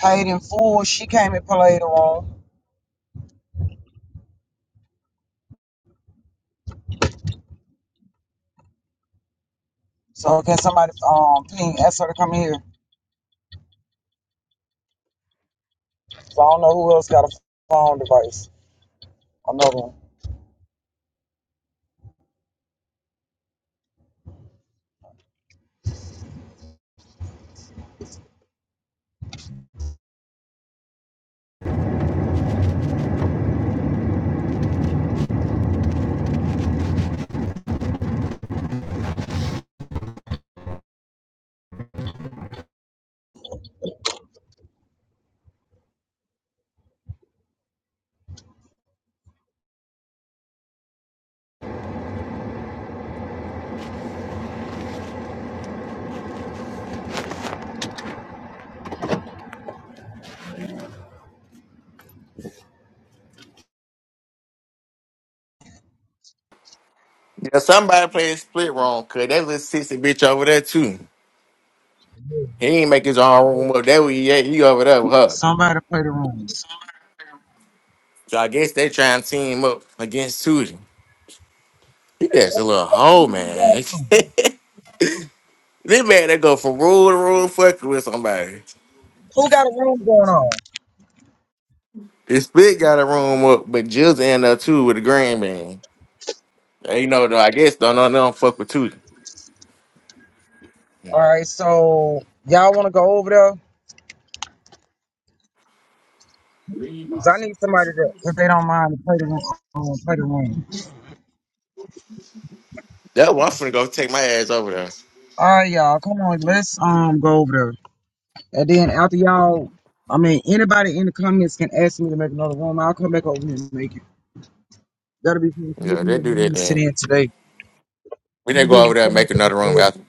Paid in full. She came and played the room. So can somebody um ping ask her to come here? So I don't know who else got a phone device. I know them. Yeah, somebody played Split wrong because that little sissy bitch over there too. He ain't make his own room up. That way he at. He over there with her. Somebody play the room. So I guess they trying to team up against Tudor. He just a little hoe, man. this man that go from room to room fucking with somebody. Who got a room going on? It's Spit got a room up, but Jill's in there too with the green bean. They know though, I guess don't know they don't fuck with Tootie. All right, so y'all want to go over there? Cause I need somebody to. If they don't mind, to play the room. Um, play the room. That's why I'm finna go take my ass over there. All right, y'all. Come on, let's um go over there. And then after y'all, I mean, anybody in the comments can ask me to make another room. I'll come back over here and make it. That'll be fun. We Yeah, can they make a do room that to sit then. in today. We We'll didn't be go over on there and make Clubhouse another room out. today.